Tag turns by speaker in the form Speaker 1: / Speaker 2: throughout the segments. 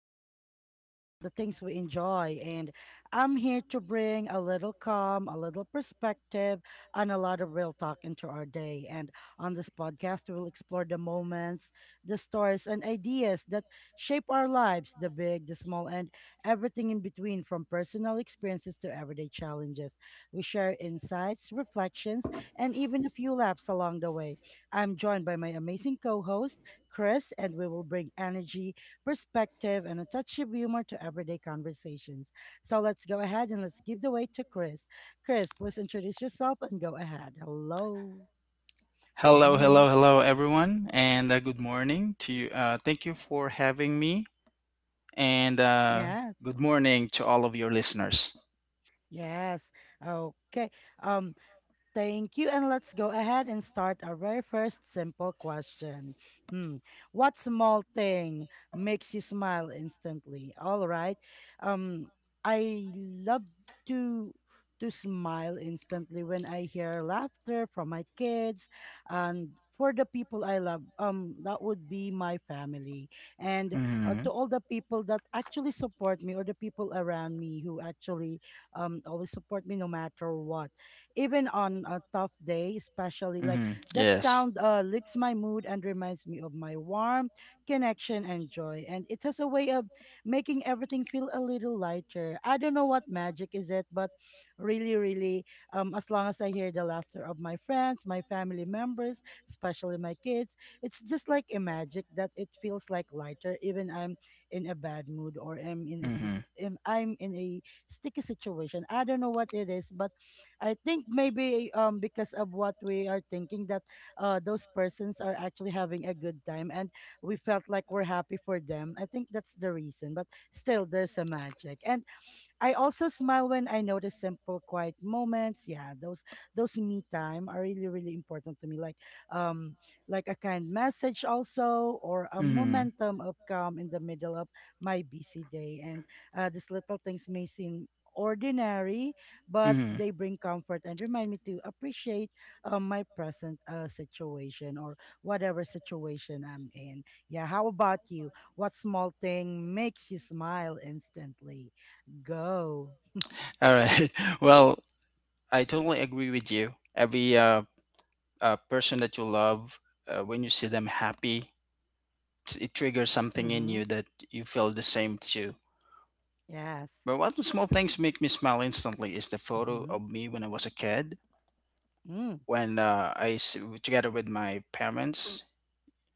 Speaker 1: Our topic is about the things we enjoy, and I'm here to bring a little calm, a little perspective, and a lot of real talk into our day. And on this podcast, we'll explore the moments, the stories, and ideas that shape our lives, the big, the small, and everything in between, from personal experiences to everyday challenges. We share insights, reflections, and even a few laughs along the way. I'm joined by my amazing co host, Chris, and we will bring energy, perspective, and a touch of humor to everyday conversations. So let's go ahead and let's give the way to Chris. Chris, please introduce yourself and go ahead. Hello.
Speaker 2: Hello,
Speaker 1: Mm-hmm.
Speaker 2: hello, hello, everyone, and good morning to you. Thank you for having me, and
Speaker 1: Yes.
Speaker 2: good morning to all of your listeners.
Speaker 1: Yes. Okay. Um, Thank you. And let's go ahead and start our very first simple question. Hmm. What small thing makes you smile instantly? All right. Um, I love to to smile instantly when I hear laughter from my kids and for the people I love. That would be my family. And
Speaker 2: Mm-hmm,
Speaker 1: to all the people that actually support me, or the people around me who actually always support me no matter what, even on a tough day, especially. Like,
Speaker 2: mm-hmm,
Speaker 1: that
Speaker 2: yes.
Speaker 1: sound lifts my mood and reminds me of my warmth, connection, and joy. And it has a way of making everything feel a little lighter. I don't know what magic is it, but really, really, as long as I hear the laughter of my friends, my family members, especially my kids, it's just like a magic that it feels like lighter, even I'm in a bad mood or am in a
Speaker 2: Mm-hmm,
Speaker 1: am- I'm in a sticky situation. I don't know what it is, but I think maybe because of what we are thinking, that those persons are actually having a good time, and we felt like we're happy for them. I think that's the reason. But still there's a magic. And I also smile when I notice simple, quiet moments. Yeah, those me time are really, really important to me. Um, like a kind message also, or a
Speaker 2: mm-hmm,
Speaker 1: momentum of calm in the middle of my busy day. And these little things may seem ordinary, but
Speaker 2: mm-hmm.
Speaker 1: they bring comfort and remind me to appreciate my present situation, or whatever situation I'm in. Yeah, how about you? What small thing makes you smile instantly? Go.
Speaker 2: All right. Well, I totally agree with you. Every person that you love, when you see them happy, it triggers something in
Speaker 1: Mm-hmm.
Speaker 2: you that you feel the same too.
Speaker 1: Yes.
Speaker 2: But what small things make me smile instantly is the photo
Speaker 1: Mm-hmm.
Speaker 2: of me when I was a kid,
Speaker 1: Mm.
Speaker 2: when together with my parents,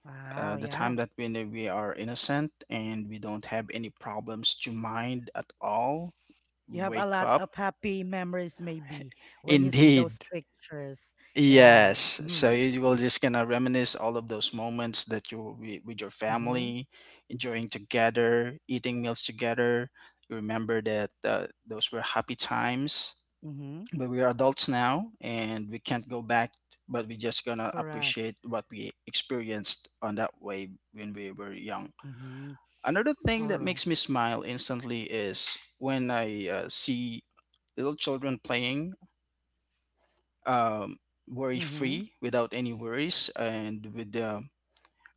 Speaker 1: Wow.
Speaker 2: the
Speaker 1: Yeah.
Speaker 2: time that when we are innocent and we don't have any problems to mind at all. We
Speaker 1: You have a
Speaker 2: wake
Speaker 1: lot
Speaker 2: up.
Speaker 1: of happy memories, maybe, when you see those
Speaker 2: Indeed.
Speaker 1: pictures. Yeah.
Speaker 2: Yes. So
Speaker 1: Mm.
Speaker 2: you will just gonna reminisce all of those moments that with your
Speaker 1: Mm-hmm.
Speaker 2: family, enjoying together, eating meals together. You remember that those were happy times,
Speaker 1: Mm-hmm.
Speaker 2: but we are adults now and we can't go back, but we just gonna
Speaker 1: Correct.
Speaker 2: appreciate what we experienced on that way when we were young.
Speaker 1: Mm-hmm.
Speaker 2: Another thing
Speaker 1: All
Speaker 2: that
Speaker 1: right.
Speaker 2: makes me smile instantly is when I see little children playing, um, worry
Speaker 1: Mm-hmm.
Speaker 2: free without any worries, and with the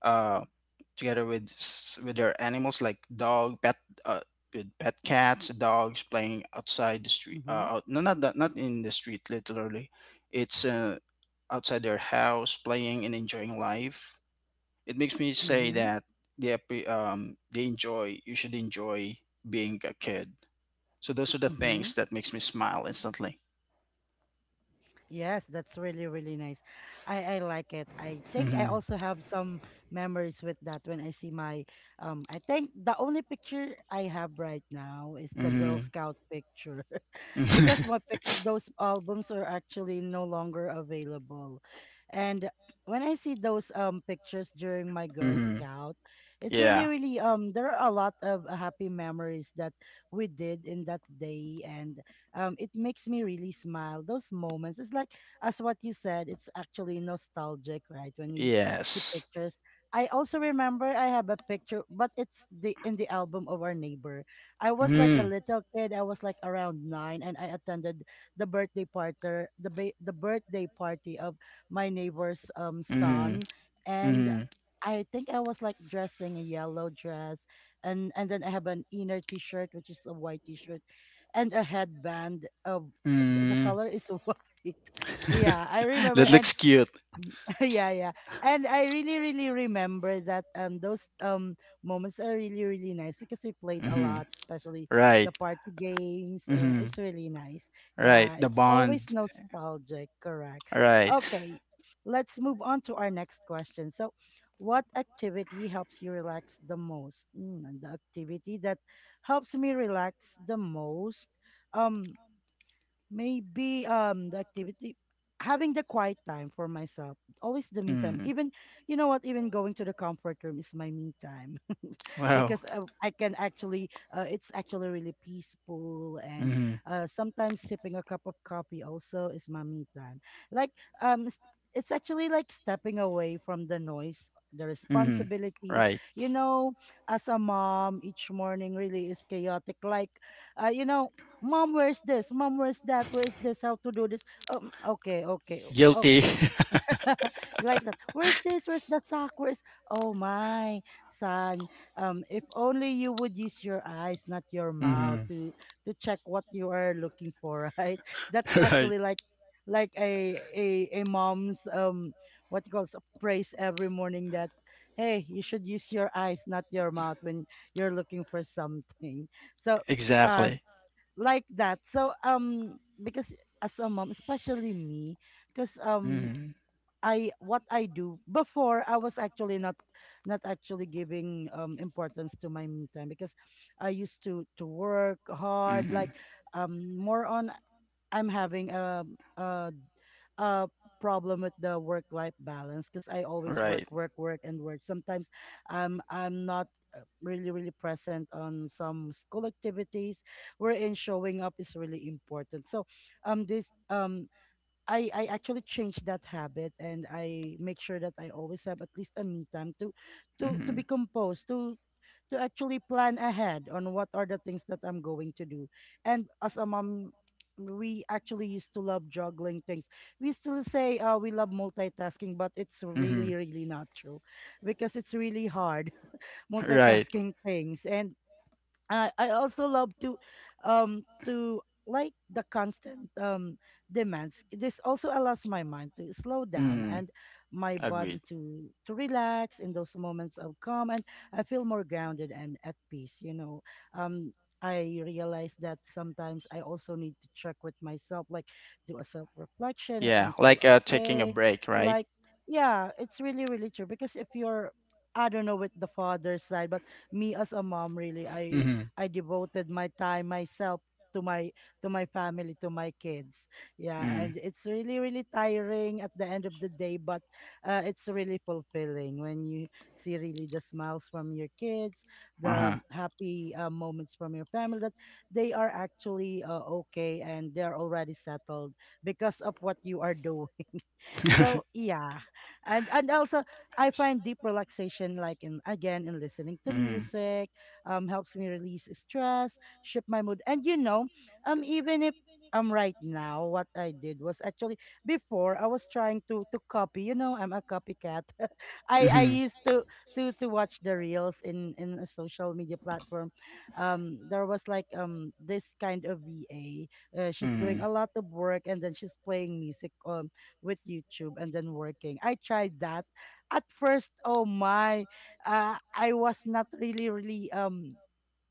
Speaker 2: um, together with their animals like dog pet, uh, with pet cats dogs playing outside the street,
Speaker 1: Mm-hmm.
Speaker 2: out, no not that, not in the street literally. It's outside their house playing and enjoying life. It makes me say
Speaker 1: Mm-hmm.
Speaker 2: that they enjoy. You should enjoy being a kid. So those are the
Speaker 1: Mm-hmm.
Speaker 2: things that makes me smile instantly.
Speaker 1: Yes, that's really, really nice. I like it. I think I
Speaker 2: Hmm.
Speaker 1: also have some memories with that, when I see my I think the only picture I have right now is the Girl
Speaker 2: Hmm.
Speaker 1: Scout picture. Because those albums are actually no longer available. And when I see those pictures during my Girl
Speaker 2: Hmm.
Speaker 1: Scout, it's really
Speaker 2: Yeah.
Speaker 1: really, there are a lot of happy memories that we did in that day, and it makes me really smile. Those moments, it's like as what you said, it's actually nostalgic, right? When we see
Speaker 2: Yes.
Speaker 1: pictures. I also remember I have a picture, but it's the in the album of our neighbor. I was like a
Speaker 2: Hmm.
Speaker 1: little kid. I was like around 9, and I attended the birthday party, the birthday party of my neighbor's
Speaker 2: Mhm.
Speaker 1: son, and
Speaker 2: Mhm.
Speaker 1: I think I was like dressing a yellow dress, and then I have an inner T-shirt, which is a white T-shirt, and a headband of the
Speaker 2: Mm.
Speaker 1: color is white. Yeah, I remember,
Speaker 2: That
Speaker 1: and
Speaker 2: looks cute.
Speaker 1: yeah, yeah. And I really, really remember that those moments are really, really nice, because we played a
Speaker 2: Mhm.
Speaker 1: lot, especially the
Speaker 2: Right.
Speaker 1: party games.
Speaker 2: Mhm.
Speaker 1: It's really nice.
Speaker 2: Right.
Speaker 1: Yeah,
Speaker 2: The
Speaker 1: it's always
Speaker 2: bond.
Speaker 1: nostalgic, correct.
Speaker 2: Right.
Speaker 1: Okay, let's move on to our next question. So what activity helps you relax the most? And the activity that helps me relax the most. Um Maybe the activity, having the quiet time for myself, always the me time.
Speaker 2: Mm.
Speaker 1: Even, you know what, even going to the comfort room is my me time
Speaker 2: Wow.
Speaker 1: because I can actually it's actually really peaceful. And
Speaker 2: Mhm.
Speaker 1: sometimes sipping a cup of coffee also is my me time, like um s- it's actually like stepping away from the noise, the
Speaker 2: Mhm.
Speaker 1: responsibilities.
Speaker 2: Right.
Speaker 1: You know, as a mom, each morning really is chaotic. Like you know, mom where's this, mom where's that, where's this, how to do this, okay, okay. Oh,
Speaker 2: Guilty.
Speaker 1: you like that, where's this, where's the sock, where's, oh my son, if only you would use your eyes, not your mouth,
Speaker 2: Mhm.
Speaker 1: to check what you are looking for, right? That's
Speaker 2: Right.
Speaker 1: actually like a mom's what you call praise every morning, that hey, you should use your eyes, not your mouth, when you're looking for something. So uh
Speaker 2: Exactly.
Speaker 1: like that. So, because as a mom, especially me, because
Speaker 2: Mhm.
Speaker 1: I what I do before, I was actually not actually giving importance to my me time, because I used to work hard. Like,
Speaker 2: Mhm.
Speaker 1: more on, I'm having a a problem with the work life balance, because I always
Speaker 2: Right.
Speaker 1: work work work and work. Sometimes I'm not really really present on some school activities wherein showing up is really important. So, this I actually changed that habit, and I make sure that I always have at least a me time, to
Speaker 2: Hmm.
Speaker 1: be composed, to actually plan ahead on what are the things that I'm going to do. And as a mom, we actually used to love juggling things. We still say, we love multitasking, but it's
Speaker 2: Hmm.
Speaker 1: really, really not true, because it's really hard
Speaker 2: Right.
Speaker 1: multitasking things. And I also love to like the constant demands. This also allows my mind to slow down
Speaker 2: Mm.
Speaker 1: and my
Speaker 2: Agreed.
Speaker 1: body to relax in those moments of calm, and I feel more grounded and at peace. Um I realize that sometimes I also need to check with myself, like do a self reflection if I'm
Speaker 2: Yeah,
Speaker 1: still
Speaker 2: like taking a
Speaker 1: okay.
Speaker 2: break, right?
Speaker 1: Like, yeah, it's really, really true. Because if you're, I don't know, with the father's side, but me as a mom, really, i
Speaker 2: Hmm.
Speaker 1: I devoted my time, myself, to my family, to my kids. Yeah,
Speaker 2: Hmm.
Speaker 1: and it's really really tiring at the end of the day, but it's really fulfilling when you see really the smiles from your kids, the
Speaker 2: Uh-huh.
Speaker 1: happy moments from your family, that they are actually okay and they're already settled because of what you are doing. So yeah. And also, I find deep relaxation, like, in listening to
Speaker 2: Hmm.
Speaker 1: music. Helps me release stress, shift my mood, and, you know even if right now what I did was actually, before, I was trying to copy. You know, I'm a copycat. I
Speaker 2: Hmm.
Speaker 1: used to watch the reels in a social media platform. There was like this kind of va she's doing
Speaker 2: Hmm.
Speaker 1: a lot of work, and then she's playing music with YouTube, and then working. I tried that. At first, oh my, I was not really, really,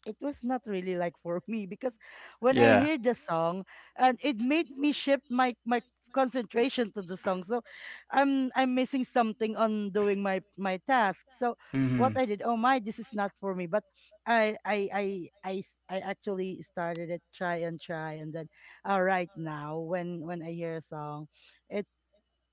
Speaker 1: it was not really like for me, because when I
Speaker 2: Yeah.
Speaker 1: heard the song, and it made me shift my concentration to the song. So I'm missing something on doing my task. So what I
Speaker 2: Hmm.
Speaker 1: did, oh my, this is not for me. But I I I I actually started it, try and try, and then right now when I hear a song, it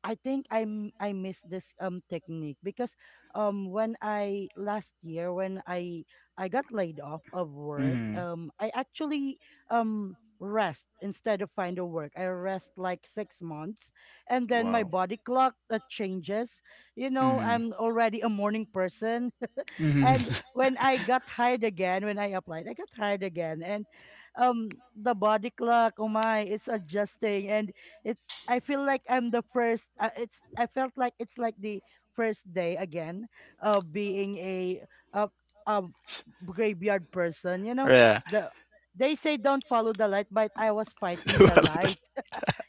Speaker 1: I think I'm I miss this technique, because when I last year when I got laid off of work,
Speaker 2: Hmm.
Speaker 1: I actually rest instead of find a work, I rest like 6 months, and then my
Speaker 2: Wow.
Speaker 1: body clock changes.
Speaker 2: Hmm.
Speaker 1: I'm already a morning person.
Speaker 2: Hmm.
Speaker 1: And when I got hired again, when I applied, I got hired again, and the body clock, oh my, it's adjusting, and it's. I feel like I'm the first. It's. I felt like it's like the first day again of being a, a graveyard person. You know,
Speaker 2: Yeah.
Speaker 1: the they say don't follow the light, but I was fighting the light.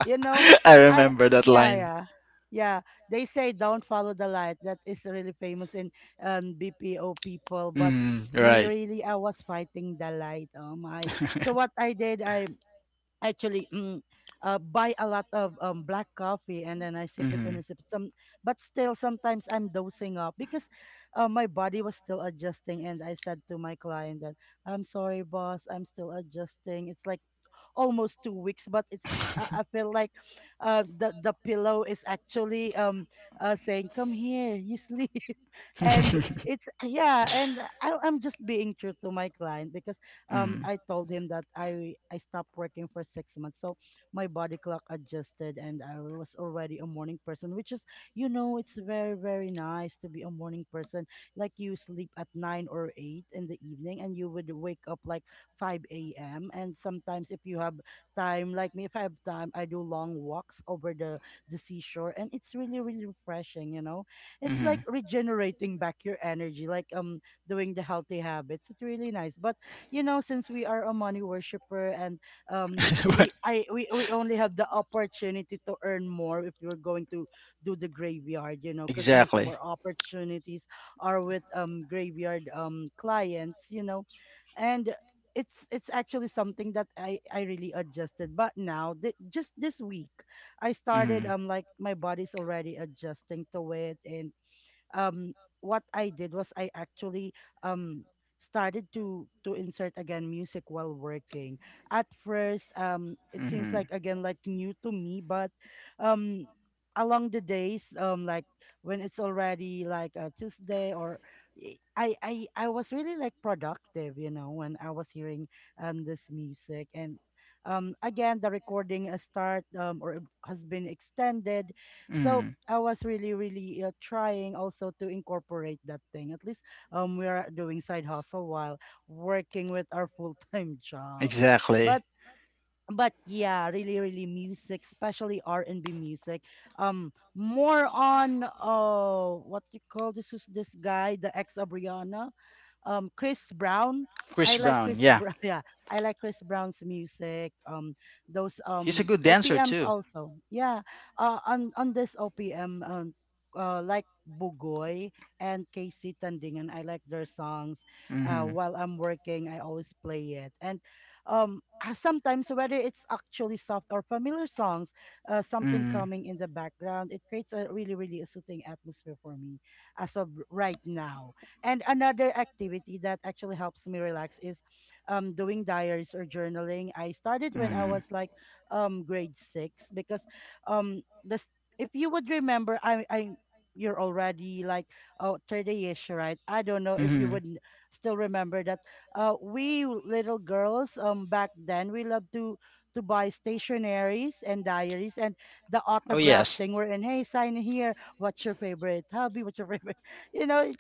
Speaker 1: You know
Speaker 2: I
Speaker 1: I
Speaker 2: remember that
Speaker 1: yeah
Speaker 2: line.
Speaker 1: yeah yeah, they say don't follow the light. That is really famous in BPO people. But
Speaker 2: Hmm.
Speaker 1: me,
Speaker 2: Right.
Speaker 1: really, I was fighting the light, oh my. So what I did, I actually buy a lot of black coffee, and then I sip it and I
Speaker 2: Hmm.
Speaker 1: sip it some. But still sometimes I'm dosing up, because my body was still adjusting. And I said to my client that I'm sorry boss, I'm still adjusting. It's like almost 2 weeks, but it's I feel like the pillow is actually saying, "Come here, you sleep," and it's yeah, and I'm just being true to my client, because
Speaker 2: Mm.
Speaker 1: I told him that I stopped working for 6 months. So my body clock adjusted, and I was already a morning person, which is, you know, it's very very nice to be a morning person. Like you sleep at nine or eight in the evening, and you would wake up like 5 a.m. And sometimes if you have time, like me, if I have time, I do long walks over the seashore, and it's really, really refreshing, you know. It's
Speaker 2: Mm-hmm.
Speaker 1: like regenerating back your energy, like doing the healthy habits. It's really nice. But you know, since we are a money worshiper and
Speaker 2: Right.
Speaker 1: we only have the opportunity to earn more if you're going to do the graveyard, you know, because most of
Speaker 2: Exactly.
Speaker 1: our opportunities are with graveyard clients, you know. And it's actually something that I really adjusted. But now, just this week, I started.
Speaker 2: Mm-hmm.
Speaker 1: um, like my body's already adjusting to it. And um what I did was I actually um started to insert again music while working. At first, it seems
Speaker 2: Mm-hmm.
Speaker 1: like again like new to me, but um along the days, like when it's already like a Tuesday or I was really like productive, you know, when I was hearing this music. And again, the recording start or has been extended. So
Speaker 2: Mm.
Speaker 1: I was really, really trying also to incorporate that thing. At least we are doing side hustle while working with our full time job.
Speaker 2: Exactly.
Speaker 1: But yeah, really, really music, especially R and B music. More on what you call this, is this guy, the ex of Rihanna, Chris Brown. I
Speaker 2: Chris
Speaker 1: like
Speaker 2: Brown.
Speaker 1: Chris
Speaker 2: Yeah.
Speaker 1: Brown. Yeah, I like Chris Brown's music. Those
Speaker 2: He's a good dancer
Speaker 1: OPMs
Speaker 2: too.
Speaker 1: also. Yeah. On this OPM, like Bugoy and KC Tandingan. I like their songs.
Speaker 2: Mm-hmm.
Speaker 1: While I'm working, I always play it. And sometimes whether it's actually soft or familiar songs, something
Speaker 2: Mm,
Speaker 1: coming in the background, it creates a really really a soothing atmosphere for me as of right now. And another activity that actually helps me relax is doing diaries or journaling. I started when I
Speaker 2: mm,
Speaker 1: was like grade six, because um, this, if you would remember, I you're already like oh thirty, 30-ish, right? I don't know if you
Speaker 2: mm.
Speaker 1: would still remember that. We little girls back then, we loved to buy stationaries and diaries and the
Speaker 2: Oh
Speaker 1: autograph
Speaker 2: yes.
Speaker 1: thing. We're in, hey, sign here. What's your favorite hobby? What's your favorite? You know,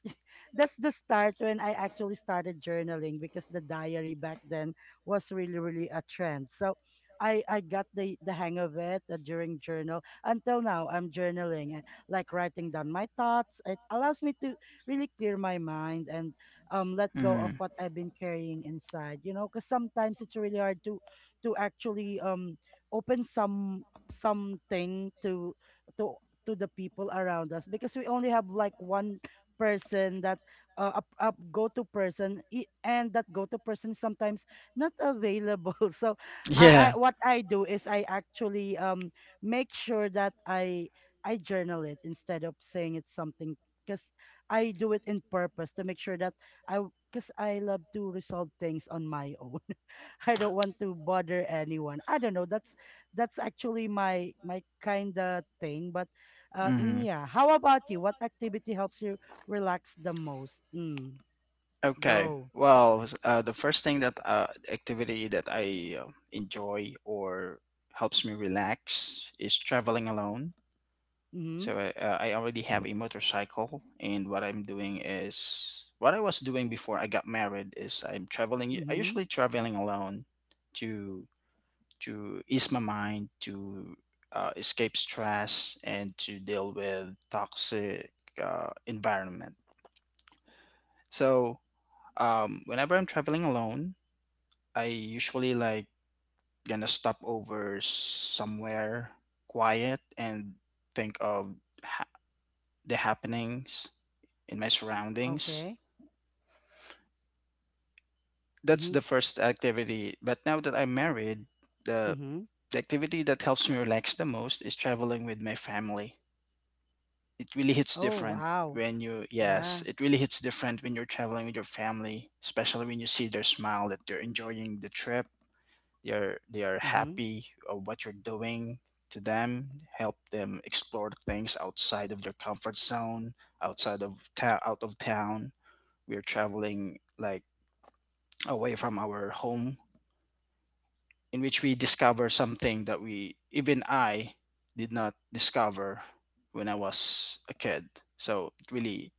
Speaker 1: that's the start when I actually started journaling, because the diary back then was really really a trend. So I got the hang of it during journal, until now I'm journaling, like writing down my thoughts. It allows me to really clear my mind and let go
Speaker 2: Mm.
Speaker 1: of what I've been carrying inside. You know, because sometimes it's really hard to actually open some something to to the people around us, because we only have like one person that a go-to person, and that go-to person sometimes not available. So
Speaker 2: Yeah.
Speaker 1: I what I do is I actually make sure that I journal it instead of saying it's something, because I do it in purpose to make sure that I because I love to resolve things on my own. I don't want to bother anyone, I don't know, that's actually my kind of thing. But
Speaker 2: Mm.
Speaker 1: yeah, how about you? What activity helps you relax the most? Mm,
Speaker 2: Okay.
Speaker 1: go.
Speaker 2: Well, the first thing that activity that I enjoy or helps me relax is traveling alone.
Speaker 1: Mm-hmm.
Speaker 2: So I already have a motorcycle, and what I'm doing is what I was doing before I got married is I'm traveling. I
Speaker 1: Mm-hmm.
Speaker 2: usually traveling alone to ease my mind, to escape stress, and to deal with toxic environment. So whenever I'm traveling alone, I usually like gonna stop over somewhere quiet and think of ha- the happenings in my surroundings.
Speaker 1: Okay.
Speaker 2: That's
Speaker 1: Mm-hmm.
Speaker 2: the first activity. But now that I'm married, the
Speaker 1: Mm-hmm.
Speaker 2: the activity that helps me relax the most is traveling with my family. It really hits
Speaker 1: Oh,
Speaker 2: different
Speaker 1: wow.
Speaker 2: when you, yes,
Speaker 1: Yeah.
Speaker 2: it really hits different when you're traveling with your family, especially when you see their smile that they're enjoying the trip. They are
Speaker 1: Mm-hmm.
Speaker 2: happy of what you're doing to them, help them explore things outside of their comfort zone, outside of town, out of town. We're traveling like away from our home in which we discover something that we even I did not discover when I was a kid. So it really,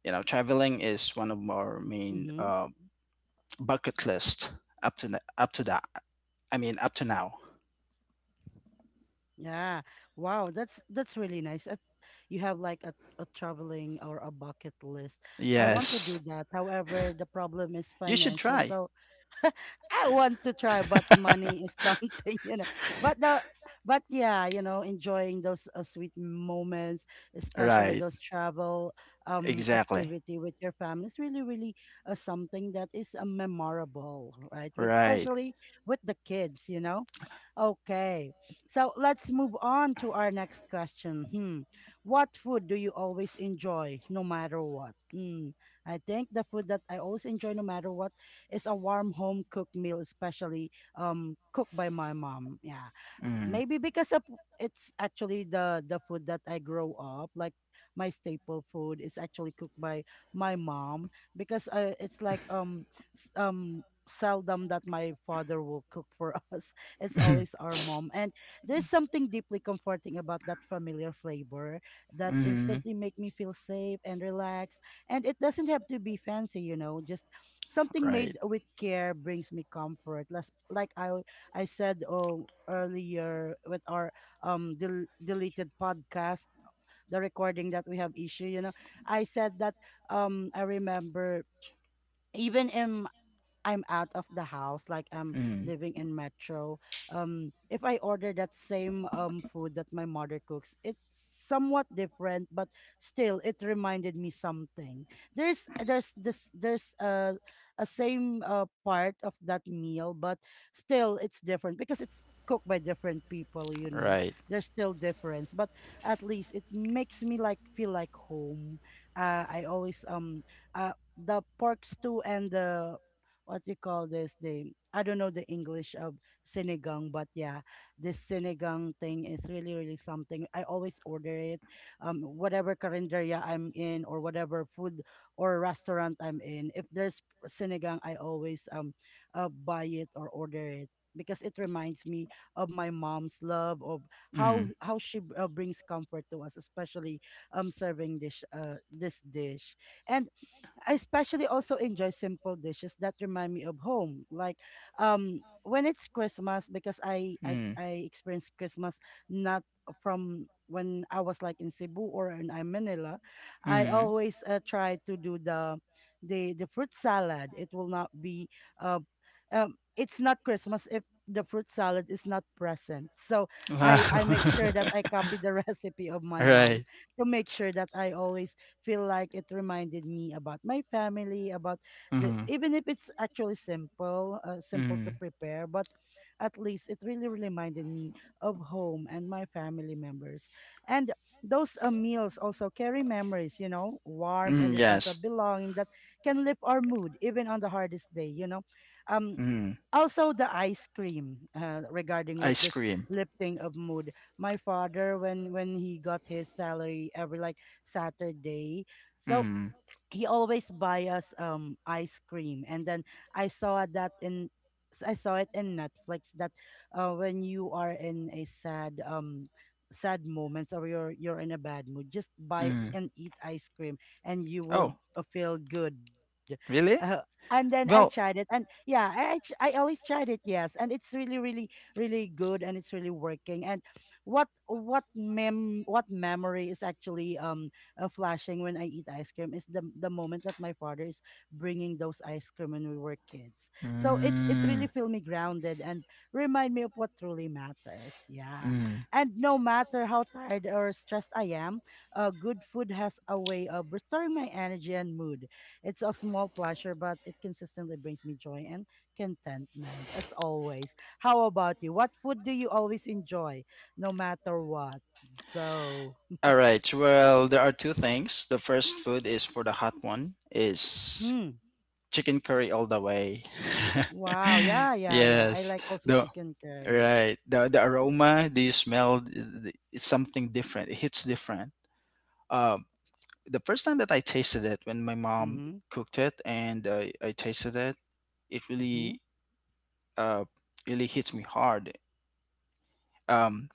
Speaker 2: traveling is one of our main
Speaker 1: Mm-hmm.
Speaker 2: bucket list, up to that, I mean, up to now.
Speaker 1: Yeah. Wow. That's really nice. You have like a traveling or a bucket list. I want to
Speaker 2: Yes.
Speaker 1: do that. However, the problem is
Speaker 2: You should
Speaker 1: financial.
Speaker 2: try.
Speaker 1: So I want to try, but money is something, you know. But the but yeah, you know, enjoying those sweet moments, especially
Speaker 2: Right.
Speaker 1: those travel
Speaker 2: Exactly.
Speaker 1: activity with your family is really really something that is memorable, right? With-
Speaker 2: Right.
Speaker 1: Especially with the kids, you know. Okay. So let's move on to our next question. Hmm. What food do you always enjoy no matter what? Hmm. I think the food that I always enjoy no matter what is a warm home cooked meal, especially cooked by my mom. Yeah,
Speaker 2: Mm.
Speaker 1: maybe because of, it's actually the food that I grow up, like my staple food is actually cooked by my mom, because it's like s- um seldom that my father will cook for us, it's always our mom. And there's something deeply comforting about that familiar flavor that
Speaker 2: Hmm.
Speaker 1: instantly make me feel safe and relaxed. And it doesn't have to be fancy, you know, just something
Speaker 2: Right.
Speaker 1: made with care brings me comfort. Less like I said oh, earlier with our deleted podcast, the recording that we have issue, you know, I said that I remember, even in, I'm out of the house, like I'm
Speaker 2: Mm.
Speaker 1: living in metro, if I order that same food that my mother cooks, it's somewhat different, but still it reminded me something. There's a same part of that meal, but still it's different because it's cooked by different people. You know,
Speaker 2: Right.
Speaker 1: there's still difference, but at least it makes me like feel like home. I always the pork stew and the what you call this, the, I don't know the English of sinigang, but yeah, this sinigang thing is really really something. I always order it, whatever carinderia I'm in or whatever food or restaurant I'm in. If there's sinigang, I always buy it or order it, because it reminds me of my mom's love of how
Speaker 2: Mm.
Speaker 1: she brings comfort to us, especially serving this this dish. And I especially also enjoy simple dishes that remind me of home. Like when it's Christmas, because
Speaker 2: Mm.
Speaker 1: I experience Christmas not from when I was like in Cebu or in Manila, I
Speaker 2: Mhm.
Speaker 1: always try to do the fruit salad. It will not be uh, it's not Christmas if the fruit salad is not present. So
Speaker 2: Wow.
Speaker 1: I make sure that I copy the recipe of my mom
Speaker 2: Right.
Speaker 1: to make sure that I always feel like it reminded me about my family, about the
Speaker 2: Mhm.
Speaker 1: even if it's actually simple, simple to
Speaker 2: Mhm.
Speaker 1: prepare, but at least it really reminded me of home and my family members. And those meals also carry memories, you know, warmth
Speaker 2: Mm,
Speaker 1: and a sense of
Speaker 2: yes.
Speaker 1: belonging that can lift our mood even on the hardest day, you know. Um,
Speaker 2: Mhm.
Speaker 1: also the ice cream regarding with
Speaker 2: Ice
Speaker 1: this
Speaker 2: cream.
Speaker 1: lifting of mood, my father, when he got his salary every like Saturday. So
Speaker 2: Mhm.
Speaker 1: he always buy us ice cream. And then I saw that in I saw it in Netflix that when you are in a sad moments or you're in a bad mood, just buy
Speaker 2: Mhm.
Speaker 1: and eat ice cream and you will
Speaker 2: Oh,
Speaker 1: feel good. uh,
Speaker 2: really?
Speaker 1: and then I tried it,
Speaker 2: Well.
Speaker 1: and yeah, I always tried it, yes, and it's really really really good, and it's really working. And what memory is actually flashing when I eat ice cream is the moment that my father is bringing those ice cream when we were kids. So it
Speaker 2: Mm.
Speaker 1: really feel me grounded and remind me of what truly matters. Yeah,
Speaker 2: Mm.
Speaker 1: and no matter how tired or stressed I am, good food has a way of restoring my energy and mood. It's a small pleasure, but it consistently brings me joy and contentment as always. How about you? What food do you always enjoy, no matter what? Go.
Speaker 2: All right. Well, there are two things. The first food is for the hot one is
Speaker 1: Hmm.
Speaker 2: chicken curry all the way.
Speaker 1: Wow. Yeah, yeah, yeah. I
Speaker 2: Yes.
Speaker 1: like also
Speaker 2: The
Speaker 1: chicken curry.
Speaker 2: right. The aroma, do you smell it's something different. It hits different. Um the first time that I tasted it when my mom
Speaker 1: Mm-hmm.
Speaker 2: cooked it and I tasted it, it
Speaker 1: Mm-hmm.
Speaker 2: really uh really hits me hard. Um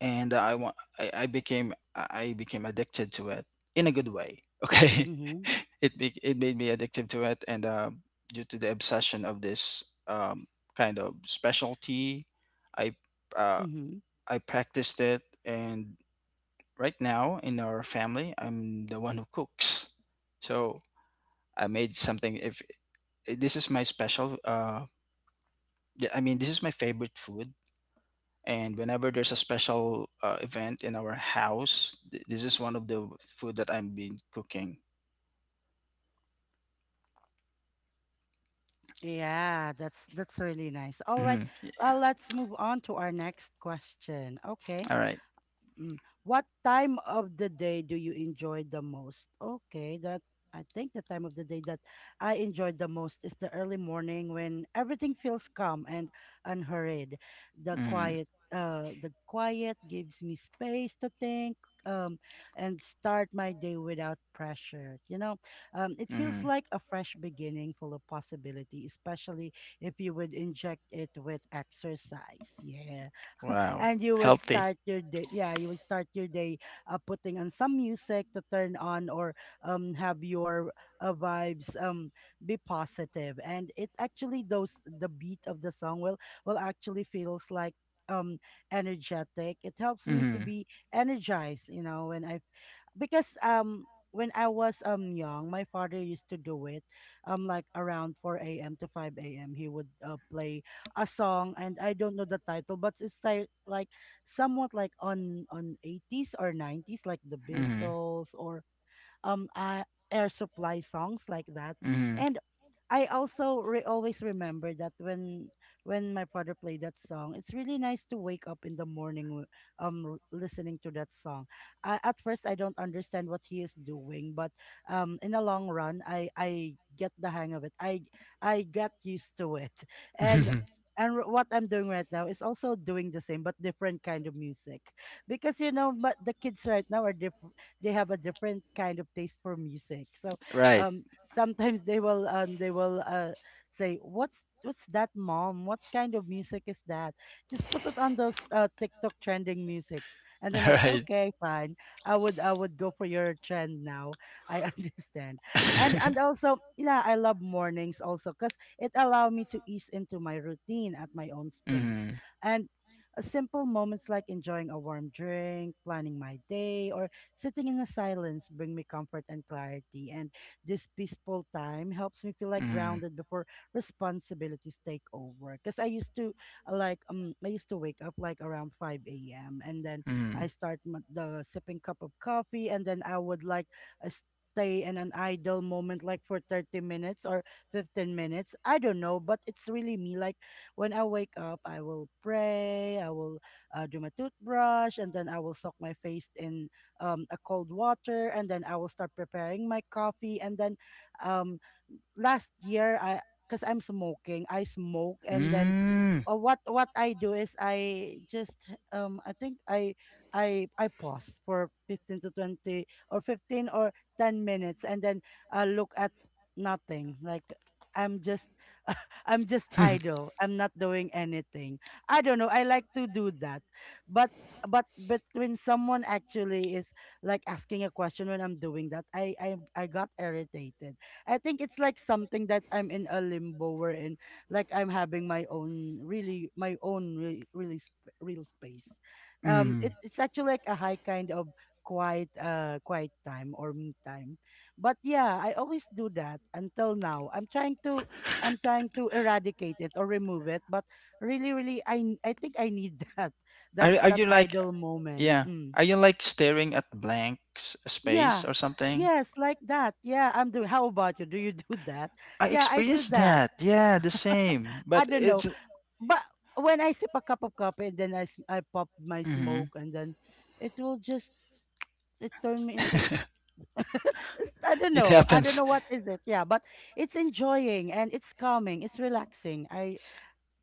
Speaker 2: and I want I became addicted to it in a good way. Okay,
Speaker 1: Mm-hmm.
Speaker 2: it made me addicted to it, and due to the obsession of this kind of specialty, I uh,
Speaker 1: Mm-hmm.
Speaker 2: I practiced it, and right now in our family, I'm the one who cooks. So I made something. If this is my special, I mean, this is my favorite food, and whenever there's a special event in our house, this is one of the food that I've been cooking.
Speaker 1: Yeah, that's really nice. All right.
Speaker 2: Mhm. Yeah.
Speaker 1: Let's move on to our next question. Okay.
Speaker 2: All right.
Speaker 1: Mm. What time of the day do you enjoy the most? Okay, that, I think the time of the day that I enjoy the most is the early morning when everything feels calm and unhurried.
Speaker 2: Mm-hmm.
Speaker 1: The quiet gives me space to think, um, and start my day without pressure. It feels
Speaker 2: Mm-hmm.
Speaker 1: like a fresh beginning full of possibility, especially if you would inject it with exercise. Yeah,
Speaker 2: Wow.
Speaker 1: and you would
Speaker 2: Healthy.
Speaker 1: start your day, yeah, you would start your day putting on some music to turn on, or have your vibes be positive positive. And it actually, those, the beat of the song will, actually feels like um energetic, it helps me to
Speaker 2: Mm-hmm.
Speaker 1: be energized, you know. When I because when I was young, my father used to do it like around 4 a.m. to 5 a.m. He would play a song and I don't know the title, but it's like somewhat like on 80s or 90s, like the
Speaker 2: Mm-hmm.
Speaker 1: Beatles or um uh, Air Supply, songs like that.
Speaker 2: Mm-hmm.
Speaker 1: And I always remember that when my father played that song, it's really nice to wake up in the morning, listening to that song. At first, I don't understand what he is doing, but in the long run, I get the hang of it. I got used to it and what I'm doing right now is also doing the same, but different kind of music, because, you know, but the kids right now are different. They have a different kind of taste for music. So
Speaker 2: Right.
Speaker 1: um, sometimes they will, say, "What's that, mom? What kind of music is that?" Just put it on those TikTok trending music, and then,
Speaker 2: All right.
Speaker 1: okay, fine. I would go for your trend now. I understand,
Speaker 2: Mm-hmm.
Speaker 1: and also, yeah, I love mornings also because it allow me to ease into my routine at my own space, and simple moments like enjoying a warm drink, planning my day, or sitting in the silence bring me comfort and clarity. And this peaceful time helps me feel like
Speaker 2: Mm-hmm.
Speaker 1: grounded before responsibilities take over. Because I used to, I used to wake up like around five a.m., and then
Speaker 2: Mm-hmm.
Speaker 1: I start, the sipping cup of coffee, and then I would like uh, stay in an idle moment like for 30 minutes or 15 minutes, I don't know, but it's really me. Like when I wake up, I will pray, I will do my toothbrush, and then I will soak my face in a cold water, and then I will start preparing my coffee. And then um, last year, I, because I'm smoking, I smoke, and then,
Speaker 2: Mm-hmm. Mm.
Speaker 1: what I do is I just, I think I pause for 15 to 20, or 15, or 10 minutes, and then I look at nothing, like. I'm just, idle. I'm not doing anything. I don't know. I like to do that. But, but when someone actually is like asking a question when I'm doing that, I got irritated. I think it's like something that I'm in a limbo, wherein like I'm having my own really, my own really, really real space. It's, actually like a high kind of quiet, quiet time or me time. But yeah, I always do that until now. I'm trying to eradicate it or remove it, but really, really, I think I need
Speaker 2: Are
Speaker 1: that
Speaker 2: you like,
Speaker 1: idle moment.
Speaker 2: yeah?
Speaker 1: Mm.
Speaker 2: Are you like staring at blank space
Speaker 1: Yeah,
Speaker 2: or something?
Speaker 1: yes, like that. Yeah, I'm doing. How about you? Do you do that?
Speaker 2: I
Speaker 1: Yeah, I do
Speaker 2: experienced
Speaker 1: that.
Speaker 2: that. Yeah, the same.
Speaker 1: I
Speaker 2: But
Speaker 1: don't know,
Speaker 2: it's.
Speaker 1: but when I sip a cup of coffee and then I pop my
Speaker 2: hmm
Speaker 1: smoke, and then it will just, it turn me into it's, I don't
Speaker 2: It
Speaker 1: know. I don't
Speaker 2: happens.
Speaker 1: know what is it. Yeah, but it's enjoying and it's calming. It's relaxing. I,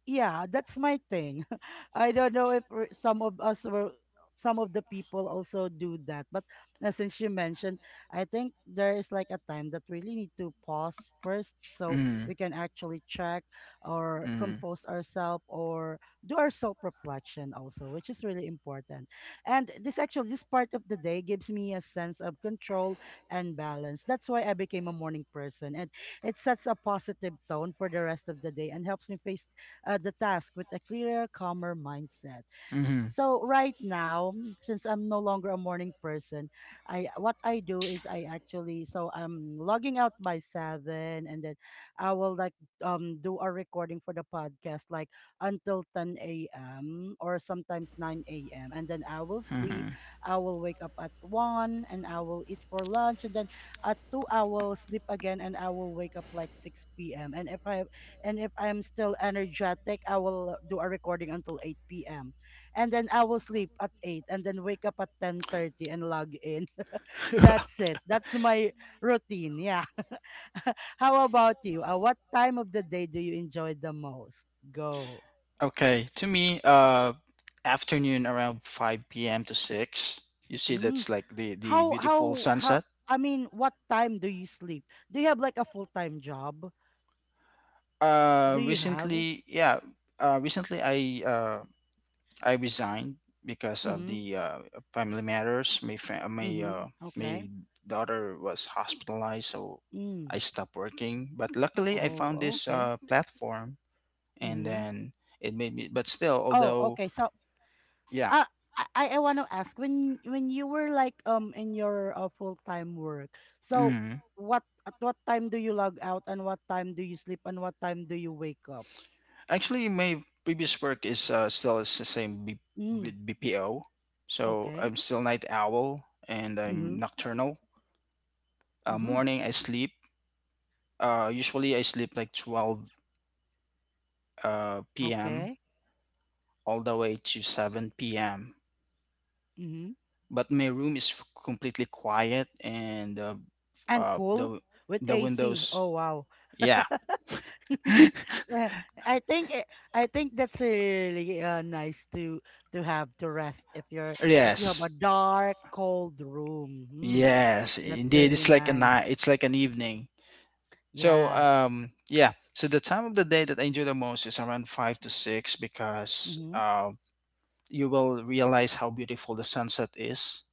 Speaker 1: yeah, that's my thing. I don't know if some of us were, some of the people also do that. But since you mentioned, I think there is like a time that really need to pause first so
Speaker 2: Mm,
Speaker 1: we can actually check or
Speaker 2: mm,
Speaker 1: compose ourselves or do our self reflection also, which is really important. And this actually, this part of the day gives me a sense of control and balance. That's why I became a morning person. And it sets a positive tone for the rest of the day and helps me face the task with a clearer, calmer mindset.
Speaker 2: mm-hmm,
Speaker 1: So right now, since I'm no longer a morning person, I what I do is, I actually, so I'm logging out by seven, and then I will like do a recording for the podcast like until ten a.m. or sometimes nine a.m., and then I will sleep.
Speaker 2: mm-hmm.
Speaker 1: I will wake up at one, and I will eat for lunch, and then at two I will sleep again, and I will wake up like six p.m. And if I'm still energetic, I will do a recording until 8 p.m. And then I will sleep at 8 and then wake up at 10:30 and log in. That's it. That's my routine. Yeah. How about you? What time of the day do you enjoy the most? Go.
Speaker 2: Okay, to me, afternoon around 5 p.m. to 6, you see
Speaker 1: Mm.
Speaker 2: that's like the beautiful
Speaker 1: How,
Speaker 2: sunset.
Speaker 1: I mean, what time do you sleep? Do you have like a full-time job? Do you have?
Speaker 2: Recently, yeah, uh, recently I, uh, I resigned because of
Speaker 1: Mm-hmm.
Speaker 2: the family matters. My fa- my
Speaker 1: Mm-hmm. Okay.
Speaker 2: my daughter was hospitalized, so I
Speaker 1: Mm.
Speaker 2: stopped working. But luckily, I found
Speaker 1: Oh,
Speaker 2: this
Speaker 1: okay.
Speaker 2: platform, and
Speaker 1: Mm-hmm.
Speaker 2: then it made me. But still,
Speaker 1: Oh,
Speaker 2: although,
Speaker 1: okay. So
Speaker 2: yeah,
Speaker 1: uh, I want to ask, when you were like in your full time work. So
Speaker 2: mm,
Speaker 1: what, at what time do you log out, and what time do you sleep, and what time do you wake up?
Speaker 2: actually, my previous work is still is the same
Speaker 1: Mm,
Speaker 2: with BPO. So
Speaker 1: okay.
Speaker 2: I'm still night owl, and I'm
Speaker 1: Mhm.
Speaker 2: nocturnal.
Speaker 1: Mhm.
Speaker 2: Morning, I sleep. Usually, I sleep like 12 p.m.
Speaker 1: Okay.
Speaker 2: all the way to 7 p.m.
Speaker 1: Mhm.
Speaker 2: But my room is completely quiet, and uh, f-
Speaker 1: And
Speaker 2: uh,
Speaker 1: cool,
Speaker 2: the
Speaker 1: with
Speaker 2: the
Speaker 1: AC. Oh,
Speaker 2: windows.
Speaker 1: wow.
Speaker 2: Yeah.
Speaker 1: Yeah, I think it, I think that's really nice to, have to rest if you're, if you have a
Speaker 2: Yes.
Speaker 1: dark cold room. Hmm.
Speaker 2: Yes.
Speaker 1: That's
Speaker 2: Indeed,
Speaker 1: really
Speaker 2: it's like a
Speaker 1: nice.
Speaker 2: night. It's like an evening.
Speaker 1: Yeah.
Speaker 2: Yeah. So the time of the day that I enjoy the most is around five to six, because
Speaker 1: Mm-hmm.
Speaker 2: you will realize how beautiful the sunset is.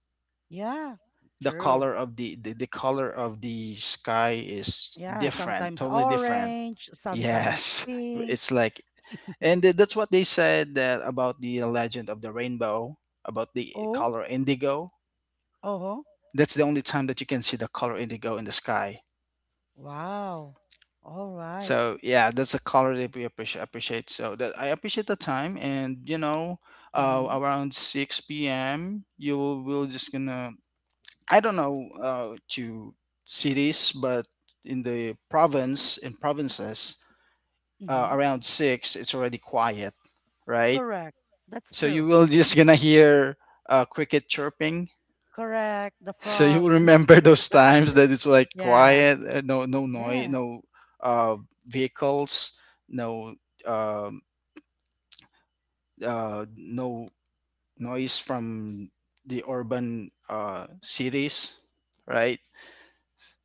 Speaker 1: Yeah,
Speaker 2: The
Speaker 1: true.
Speaker 2: color of the color of the sky is
Speaker 1: Yeah,
Speaker 2: different,
Speaker 1: sometimes
Speaker 2: totally different.
Speaker 1: orange, sometimes
Speaker 2: Yes,
Speaker 1: pink.
Speaker 2: it's like, and that's what they said that about the legend of the rainbow, about the
Speaker 1: Oh,
Speaker 2: color indigo.
Speaker 1: oh,
Speaker 2: That's the only time that you can see the color indigo in the sky.
Speaker 1: wow. All right.
Speaker 2: So yeah, that's the color that we appreciate. Appreciate so that I appreciate the time, and
Speaker 1: Mm-hmm.
Speaker 2: around 6 p.m. you will just gonna. I don't know to cities, but in provinces,
Speaker 1: Mm-hmm.
Speaker 2: around six it's already quiet, right?
Speaker 1: Correct. That's
Speaker 2: So you
Speaker 1: true.
Speaker 2: will just gonna hear cricket chirping.
Speaker 1: Correct. The
Speaker 2: So you will
Speaker 1: frogs.
Speaker 2: remember those times that it's like
Speaker 1: Yeah.
Speaker 2: quiet, no noise,
Speaker 1: Yeah.
Speaker 2: no uh, vehicles, no um no noise from the urban cities, right?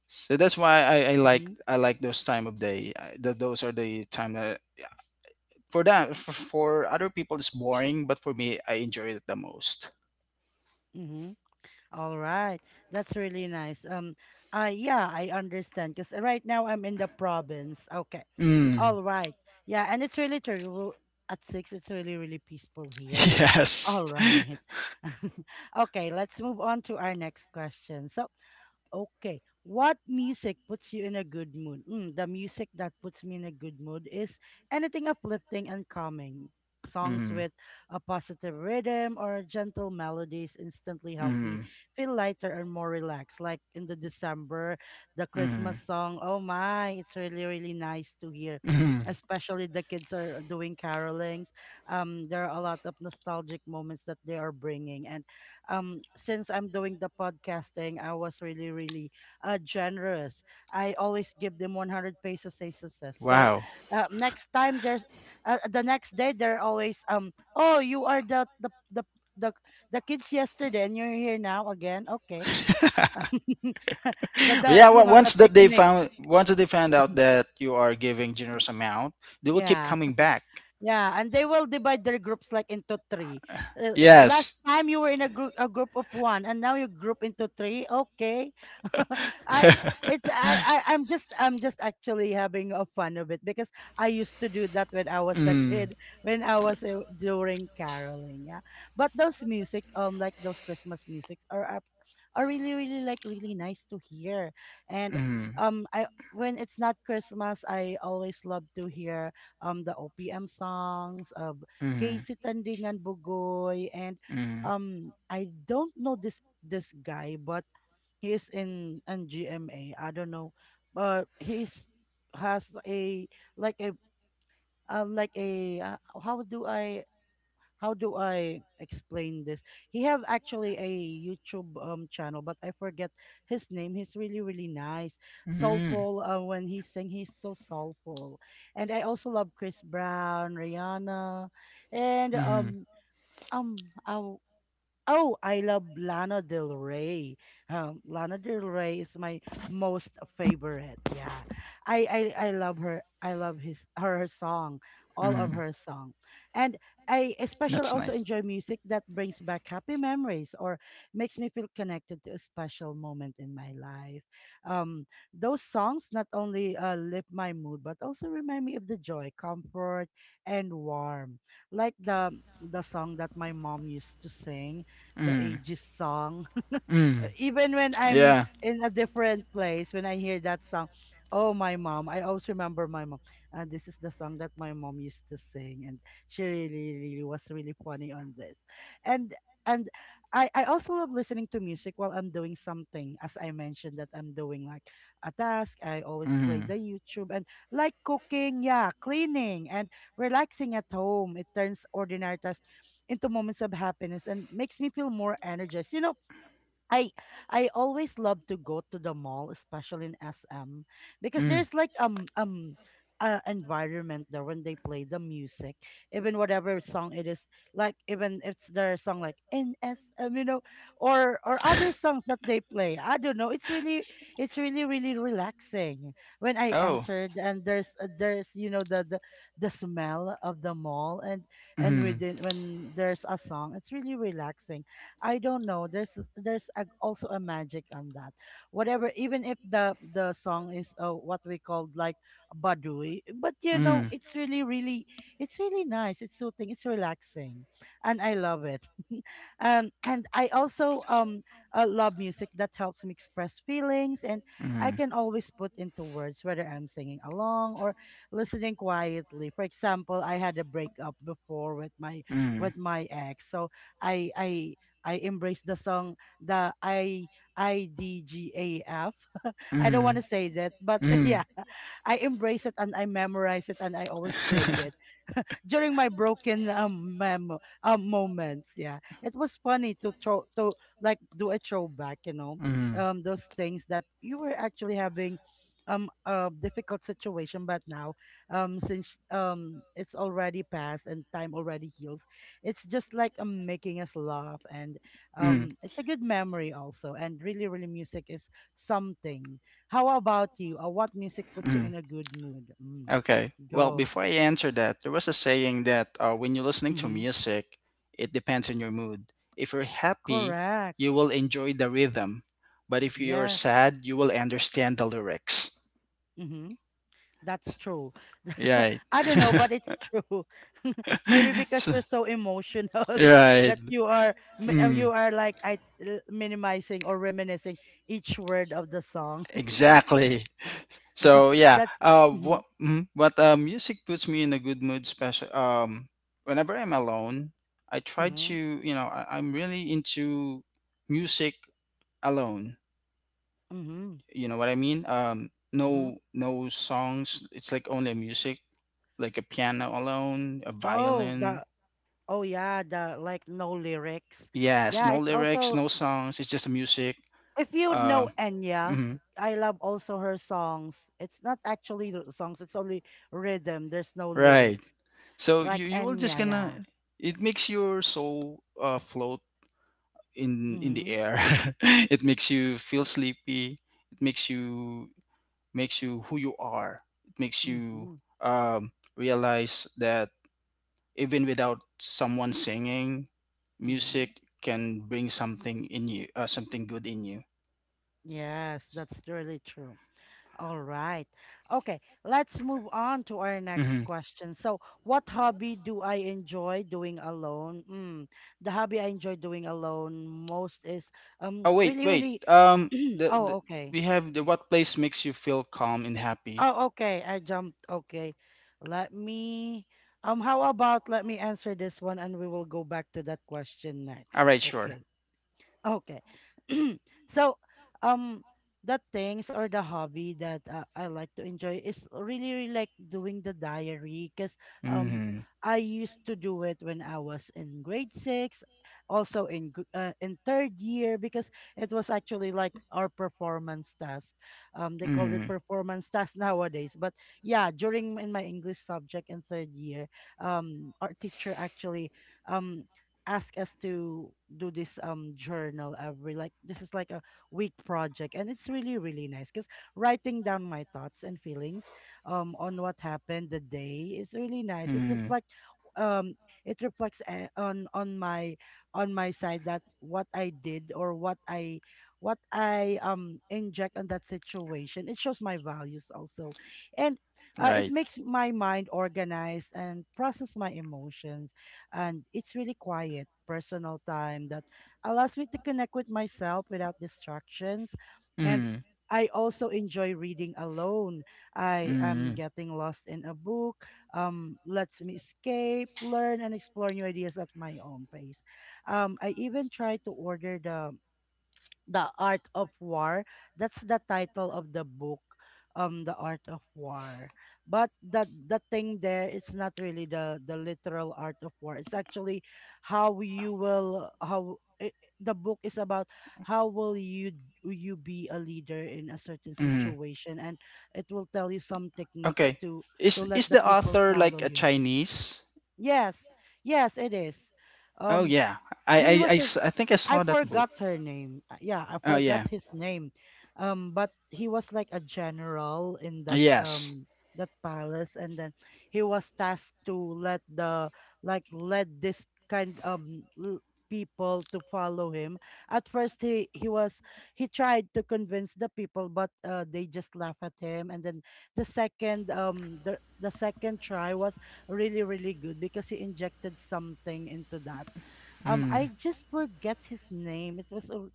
Speaker 2: So that's why I, I like
Speaker 1: Mm-hmm.
Speaker 2: I like those time of day. Those are the time that for other people it's boring, but for me I enjoy it the most.
Speaker 1: Mm-hmm. All right. That's really nice. Yeah, I understand because right now I'm in the province. Okay.
Speaker 2: Mm.
Speaker 1: All right. Yeah, and it's really true. Well, at six it's really, really peaceful here.
Speaker 2: Yes.
Speaker 1: All right. Okay, let's move on to our next question. So, okay. What music puts you in a good mood? Mm, the music that puts me in a good mood is anything uplifting and calming. Songs
Speaker 2: Mm.
Speaker 1: with a positive rhythm or gentle melodies instantly help me
Speaker 2: Mm,
Speaker 1: feel lighter and more relaxed. Like in the December, the Christmas
Speaker 2: mm.
Speaker 1: song. Oh my, it's really, really nice to hear.
Speaker 2: Hmm.
Speaker 1: Especially the kids are doing carolings. There are a lot of nostalgic moments that they are bringing. And since I'm doing the podcasting, I was really, really generous. I always give them 100 pesos as success. So
Speaker 2: Wow.
Speaker 1: next time there's, the next day, they're always, oh, you are the, the kids yesterday, and you're here now again. Okay. the
Speaker 2: Well,
Speaker 1: the
Speaker 2: yeah.
Speaker 1: You
Speaker 2: wa-
Speaker 1: know the
Speaker 2: Once that they
Speaker 1: technique.
Speaker 2: found, once that they found out that you are giving generous amount, they will keep
Speaker 1: Yeah.
Speaker 2: coming back.
Speaker 1: Yeah, and they will divide their groups like into three.
Speaker 2: Yes.
Speaker 1: Last time you were in a group, a group of one, and now you group into three. Okay. I it's I, I I'm just, actually having a fun of it because I used to do that when I was a
Speaker 2: Mm,
Speaker 1: kid, when I was during caroling. Yeah, but those music, like those Christmas musics are up, are really, really like really nice to hear. And
Speaker 2: mm,
Speaker 1: I, when it's not Christmas, I always love to hear the OPM songs of
Speaker 2: mm,
Speaker 1: Casey Tandingan Bugoy, and
Speaker 2: mm,
Speaker 1: I don't know this this guy, but he is in GMA. I don't know, but he's, has a, like a, like a, how do I, how do I explain this? He have actually a YouTube channel, but I forget his name. He's really, really nice,
Speaker 2: mm,
Speaker 1: soulful. When he sing, he's so soulful. And I also love Chris Brown, Rihanna, and
Speaker 2: mm,
Speaker 1: I oh, I love Lana Del Rey. Lana Del Rey is my most favorite. Yeah, I, I love her. I love his, her song, all of
Speaker 2: mm.
Speaker 1: her song, and I especially
Speaker 2: That's
Speaker 1: also
Speaker 2: nice.
Speaker 1: enjoy music that brings back happy memories or makes me feel connected to a special moment in my life. Um, those songs not only lift my mood but also remind me of the joy, comfort, and warmth, like the song that my mom used to sing, the
Speaker 2: Mm,
Speaker 1: ages song.
Speaker 2: mm.
Speaker 1: Even when I'm
Speaker 2: Yeah.
Speaker 1: in a different place, when I hear that song, oh, my mom, I always remember my mom. Uh, this is the song that my mom used to sing, and she really, really was really funny on this. and and I also love listening to music while I'm doing something. As I mentioned, that I'm doing like a task, I always play the
Speaker 2: Mm.
Speaker 1: YouTube and like cooking, yeah, cleaning, and relaxing at home. It turns ordinary tasks into moments of happiness and makes me feel more energized. I I always love to go to the mall, especially in SM, because
Speaker 2: Mm.
Speaker 1: there's like environment there when they play the music, even whatever song it is, like even if it's their song like NSM, or other songs that they play. I don't know. It's really really relaxing when I
Speaker 2: Oh.
Speaker 1: entered and there's the smell of the mall and
Speaker 2: Mm.
Speaker 1: within when there's a song, it's really relaxing. I don't know. There's a, also a magic on that. Whatever, even if the song is what we called like badui, but
Speaker 2: Mm.
Speaker 1: it's really really it's really nice. It's soothing. It's relaxing, and I love it. And I also love music that helps me express feelings, and I
Speaker 2: Mm.
Speaker 1: can always put into words whether I'm singing along or listening quietly. For example, I had a breakup before
Speaker 2: Mm.
Speaker 1: with my ex, so I I embrace the song the I D G A F. I don't want
Speaker 2: Mm.
Speaker 1: to say that, but
Speaker 2: Mm.
Speaker 1: yeah, I embrace it and I memorize it and I always played it during my broken memo moments. Yeah, it was funny to throw to like do a throwback.
Speaker 2: Mm.
Speaker 1: Those things that you were actually having a difficult situation, but now since it's already passed and time already heals. It's just like making us laugh, and
Speaker 2: Mm.
Speaker 1: it's a good memory also. And really, really, music is something. How about you? What music puts you in
Speaker 2: Mm.
Speaker 1: a good mood? Mm.
Speaker 2: Okay. Well,
Speaker 1: Go.
Speaker 2: before I answer that, there was a saying that when you're listening to
Speaker 1: Mm-hmm.
Speaker 2: music, it depends on your mood. If you're happy, you
Speaker 1: Correct.
Speaker 2: will enjoy the rhythm. But if you're
Speaker 1: Yes.
Speaker 2: sad, you will understand the lyrics.
Speaker 1: Mm-hmm. That's true.
Speaker 2: Right.
Speaker 1: I don't know, but it's true. Maybe because
Speaker 2: So-
Speaker 1: you're so emotional
Speaker 2: right.
Speaker 1: that you are you
Speaker 2: Mm,
Speaker 1: are like minimizing or reminiscing each word of the song.
Speaker 2: exactly. So yeah,
Speaker 1: That's mm-hmm,
Speaker 2: what, but music puts me in a good mood. Special, whenever I'm alone, I try to,
Speaker 1: mm-hmm.
Speaker 2: I'm really into music alone.
Speaker 1: Mm-hmm.
Speaker 2: You know what I mean?
Speaker 1: Mm-hmm.
Speaker 2: No, no songs. It's like only music, like a piano alone, a
Speaker 1: Oh,
Speaker 2: violin.
Speaker 1: the oh yeah, the like no lyrics.
Speaker 2: Yes,
Speaker 1: Yeah,
Speaker 2: no
Speaker 1: it's
Speaker 2: lyrics,
Speaker 1: also
Speaker 2: no songs. It's just the music.
Speaker 1: if you know
Speaker 2: Um,
Speaker 1: Enya,
Speaker 2: mhm,
Speaker 1: I love also her songs. It's not actually the songs, it's only rhythm. There's no
Speaker 2: right.
Speaker 1: lyrics.
Speaker 2: So
Speaker 1: Like
Speaker 2: you will just
Speaker 1: Enya,
Speaker 2: gonna.
Speaker 1: yeah.
Speaker 2: It makes your soul float in the
Speaker 1: Mm-hmm.
Speaker 2: air. It makes you feel sleepy. It makes you who you are. It makes you
Speaker 1: Mm-hmm.
Speaker 2: realize that even without someone singing,
Speaker 1: Mm-hmm.
Speaker 2: music can bring something in you, something good in you.
Speaker 1: Yes, that's really true. All right. Okay, let's move on to our next
Speaker 2: Hmm.
Speaker 1: question. So, what hobby do I enjoy doing alone? Mm, the hobby I enjoy doing alone most is
Speaker 2: Oh, wait,
Speaker 1: really
Speaker 2: wait.
Speaker 1: really
Speaker 2: The
Speaker 1: Oh, okay.
Speaker 2: We have the what place makes you feel calm and happy.
Speaker 1: Oh, okay. I jumped. Okay. Let me how about let me answer this one and we will go back to that question
Speaker 2: All
Speaker 1: next.
Speaker 2: right, sure.
Speaker 1: Okay. Okay. So, um, the things or the hobby that I like to enjoy is really, really like doing the diary because um,
Speaker 2: Mm-hmm.
Speaker 1: I used to do it when I was in grade six, also in in third year because it was actually like our performance task. They called it
Speaker 2: Mm-hmm.
Speaker 1: performance task nowadays, but yeah, during in my English subject in third year, our teacher actually um ask us to do this journal every like this is like a week project and it's really really nice because writing down my thoughts and feelings on what happened the day is really nice.
Speaker 2: Mm-hmm.
Speaker 1: Um it reflects on my side that what I did or what I inject on that situation. It shows my values also and it
Speaker 2: Right.
Speaker 1: makes my mind organized and process my emotions and it's really quiet personal time that allows me to connect with myself without distractions, and
Speaker 2: Mm.
Speaker 1: I also enjoy reading alone. I am
Speaker 2: Mm.
Speaker 1: getting lost in a book. Lets me escape, learn, and explore new ideas at my own pace. I even try to order the Art of War. That's the title of the book, The Art of War. But the thing there, it's not really the literal art of war. It's actually how you will how I the book is about how will you be a leader in a certain
Speaker 2: Mm.
Speaker 1: situation, and it will tell you some techniques
Speaker 2: Okay.
Speaker 1: to
Speaker 2: Is
Speaker 1: let
Speaker 2: is
Speaker 1: the
Speaker 2: the
Speaker 1: people
Speaker 2: author like
Speaker 1: follow
Speaker 2: a
Speaker 1: you.
Speaker 2: Chinese?
Speaker 1: Yes, yes, it is.
Speaker 2: Oh
Speaker 1: Um,
Speaker 2: yeah. I
Speaker 1: he
Speaker 2: I I,
Speaker 1: was a
Speaker 2: s- I think I
Speaker 1: I
Speaker 2: saw that book.
Speaker 1: forgot her name. Yeah, I
Speaker 2: Oh
Speaker 1: forgot
Speaker 2: yeah.
Speaker 1: his name. But he was like a general in that
Speaker 2: Yes.
Speaker 1: that palace, and then he was tasked to let the like let this people to follow him. At first, he tried to convince the people, but they just laugh at him. And then the second try was really really good because he injected something into that.
Speaker 2: Mm.
Speaker 1: I just forget his name. It was, a-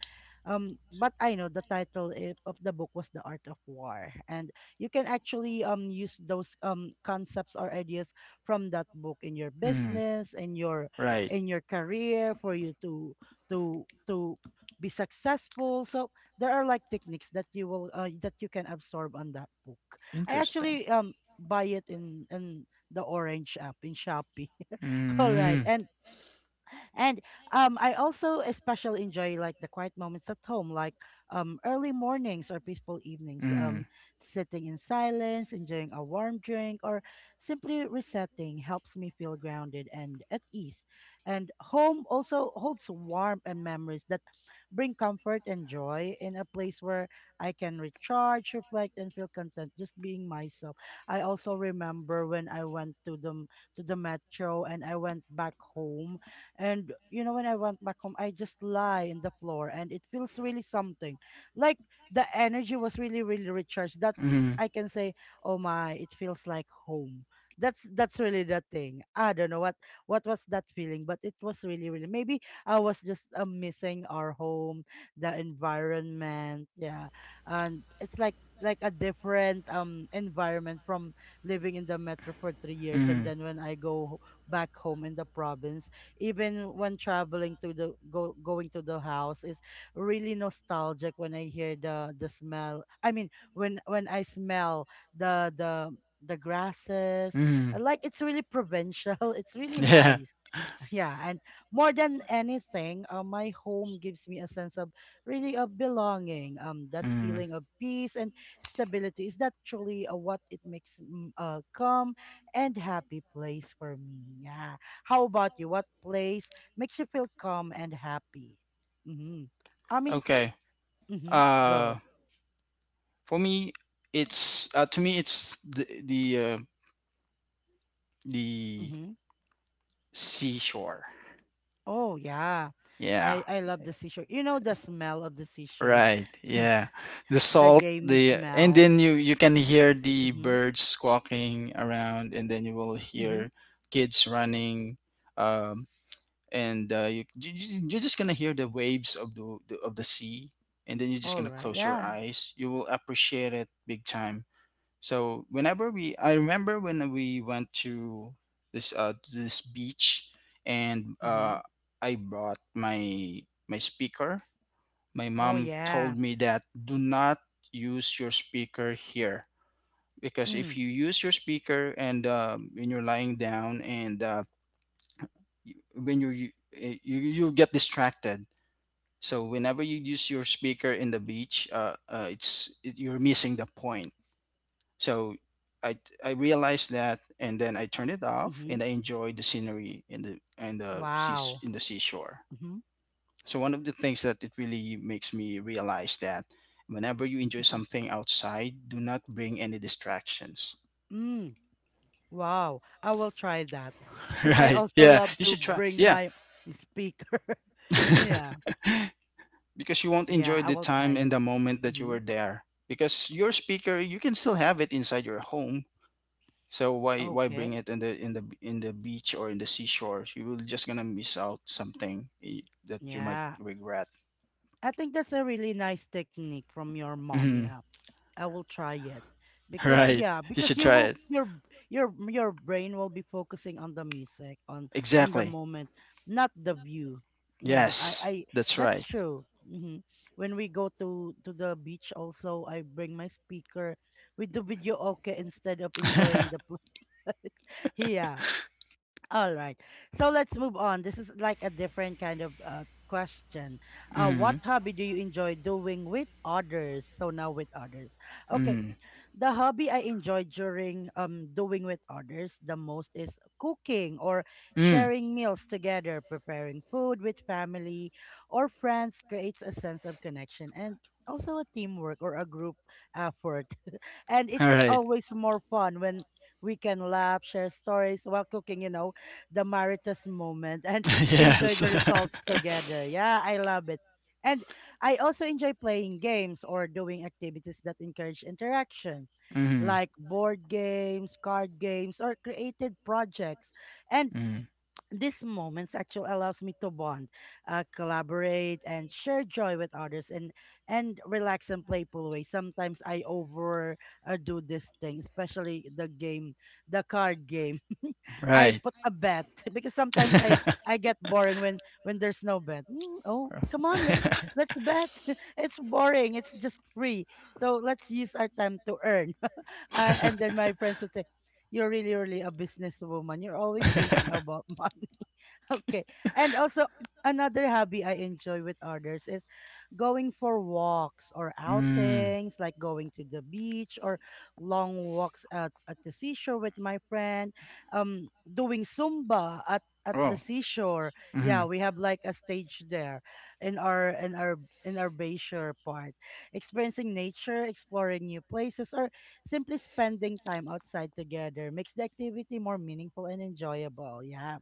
Speaker 1: um, But I know the title of the book was The Art of War, and you can actually use those concepts or ideas from that book in your
Speaker 2: Mm.
Speaker 1: business,
Speaker 2: Right.
Speaker 1: in your career, for you to to to be successful. So there are like techniques that you will that you can absorb on that book. I
Speaker 2: Interesting.
Speaker 1: actually buy it in the orange app in Shopee. All right.
Speaker 2: Mm.
Speaker 1: And I also especially enjoy like the quiet moments at home, like early mornings or peaceful evenings,
Speaker 2: Mm.
Speaker 1: sitting in silence, enjoying a warm drink, or simply resetting helps me feel grounded and at ease. And home also holds warmth and memories that bring comfort and joy in a place where I can recharge, reflect, and feel content just being myself. I also remember when I went to the metro and I went back home and you know, when I went back home, I just lie in the floor and it feels really something. Like the energy was really, really recharged. That
Speaker 2: Mm.
Speaker 1: I can say, oh my, it feels like home. That's really the thing. I don't know what was that feeling, but it was really, really maybe I was just missing our home, the environment, yeah. And it's like a different environment from living in the metro for 3 years and
Speaker 2: Hmm.
Speaker 1: then when I go back home in the province. Even when traveling to the go going to the house is really nostalgic when I hear the smell. I mean, when I smell the the the grasses,
Speaker 2: Hmm.
Speaker 1: like it's really provincial. It's really
Speaker 2: Yeah.
Speaker 1: nice. Yeah, and more than anything, my home gives me a sense of really of belonging. That
Speaker 2: Mm.
Speaker 1: feeling of peace and stability is that truly what it makes mm, calm and happy place for me. Yeah. How about you? What place makes you feel calm and happy? Mm-hmm. I mean,
Speaker 2: Okay.
Speaker 1: mm-hmm.
Speaker 2: Uh,
Speaker 1: Go.
Speaker 2: for me, it's to me it's the
Speaker 1: Mm-hmm.
Speaker 2: seashore.
Speaker 1: Oh yeah,
Speaker 2: Yeah.
Speaker 1: I love the seashore. You know the smell of the seashore,
Speaker 2: Right. Yeah. The
Speaker 1: the
Speaker 2: salt,
Speaker 1: gamey
Speaker 2: the and
Speaker 1: smell.
Speaker 2: then you can hear the
Speaker 1: Mm-hmm.
Speaker 2: birds squawking around, and then you will
Speaker 1: Mm-hmm.
Speaker 2: hear kids running, um and you're just going to hear the waves of the sea, and then you're just
Speaker 1: All
Speaker 2: going to
Speaker 1: right.
Speaker 2: close your
Speaker 1: Yeah.
Speaker 2: eyes. You will appreciate it big time. So whenever we I remember when we went to this beach and
Speaker 1: Mm-hmm.
Speaker 2: I brought my speaker. My
Speaker 1: Oh
Speaker 2: mom
Speaker 1: yeah.
Speaker 2: told me that do not use your speaker here, because if
Speaker 1: Mm.
Speaker 2: you use your speaker and when you're lying down and when you get distracted. So whenever you use your speaker in the beach, you're missing the point. So I I realized that, and then I turned it off
Speaker 1: Mm-hmm.
Speaker 2: and I enjoyed the scenery in the sea
Speaker 1: Wow.
Speaker 2: in the seashore.
Speaker 1: Mm-hmm.
Speaker 2: So one of the things that it really makes me realize that whenever you enjoy something outside, do not bring any distractions.
Speaker 1: Mm. Wow. I will try that because I
Speaker 2: Right?
Speaker 1: also
Speaker 2: Yeah,
Speaker 1: love
Speaker 2: you
Speaker 1: to
Speaker 2: should try.
Speaker 1: bring
Speaker 2: Yeah.
Speaker 1: my speaker. yeah.
Speaker 2: Because you won't
Speaker 1: Yeah.
Speaker 2: enjoy
Speaker 1: I
Speaker 2: the
Speaker 1: will try
Speaker 2: time and
Speaker 1: it.
Speaker 2: the moment that you
Speaker 1: Mm-hmm.
Speaker 2: were there. Because your speaker, you can still have it inside your home. So why bring
Speaker 1: Okay.
Speaker 2: it in the beach or in the seashore? You will just gonna miss out something that you might
Speaker 1: Yeah,
Speaker 2: regret.
Speaker 1: I think that's a really nice technique from your mom.
Speaker 2: Mhm.
Speaker 1: Yeah, I will try it because
Speaker 2: Right.
Speaker 1: yeah,
Speaker 2: You
Speaker 1: because
Speaker 2: should
Speaker 1: you
Speaker 2: try
Speaker 1: will
Speaker 2: it.
Speaker 1: your brain will be focusing on the music on the
Speaker 2: Exactly.
Speaker 1: moment, not the view. Yeah, I
Speaker 2: Yes. That's
Speaker 1: that's
Speaker 2: right.
Speaker 1: true. Hmm. When we go to the beach, also I bring my speaker with the video okay instead of enjoying the yeah all right. So let's move on. This is like a different kind of question. What
Speaker 2: Mhm.
Speaker 1: hobby do you enjoy doing with others? So now with others. Okay,
Speaker 2: Mm.
Speaker 1: the hobby I enjoy during doing with others the most is cooking or
Speaker 2: Mm.
Speaker 1: sharing meals together, preparing food with family or friends creates a sense of connection and also a teamwork or a group effort. And
Speaker 2: All
Speaker 1: it's
Speaker 2: right.
Speaker 1: always more fun when we can laugh, share stories while cooking, you know, the maritas moment and enjoy
Speaker 2: Yes.
Speaker 1: the results together. Yeah, I love it. And I also enjoy playing games or doing activities that encourage interaction,
Speaker 2: Mm.
Speaker 1: like board games, card games, or creative projects. And
Speaker 2: Mm.
Speaker 1: these moments actually allows me to bond, collaborate, and share joy with others, and relax in playful way. Sometimes I over do this thing, especially the game, the card game. I
Speaker 2: Right.
Speaker 1: put a bet because sometimes I get boring when there's no bet. Mm, oh, come on, let's bet. It's boring. It's just free. So let's use our time to earn. And then my friends would say, "You're really really a businesswoman. You're always thinking about money." Okay. And also another hobby I enjoy with others is going for walks or
Speaker 2: Mm.
Speaker 1: outings, like going to the beach or long walks at the seashore with my friend. Doing Zumba at the
Speaker 2: Oh.
Speaker 1: seashore. Yeah,
Speaker 2: Mm.
Speaker 1: we have like a stage there in our in our bayshore part. Experiencing nature, exploring new places, or simply spending time outside together makes the activity more meaningful and enjoyable. Yeah.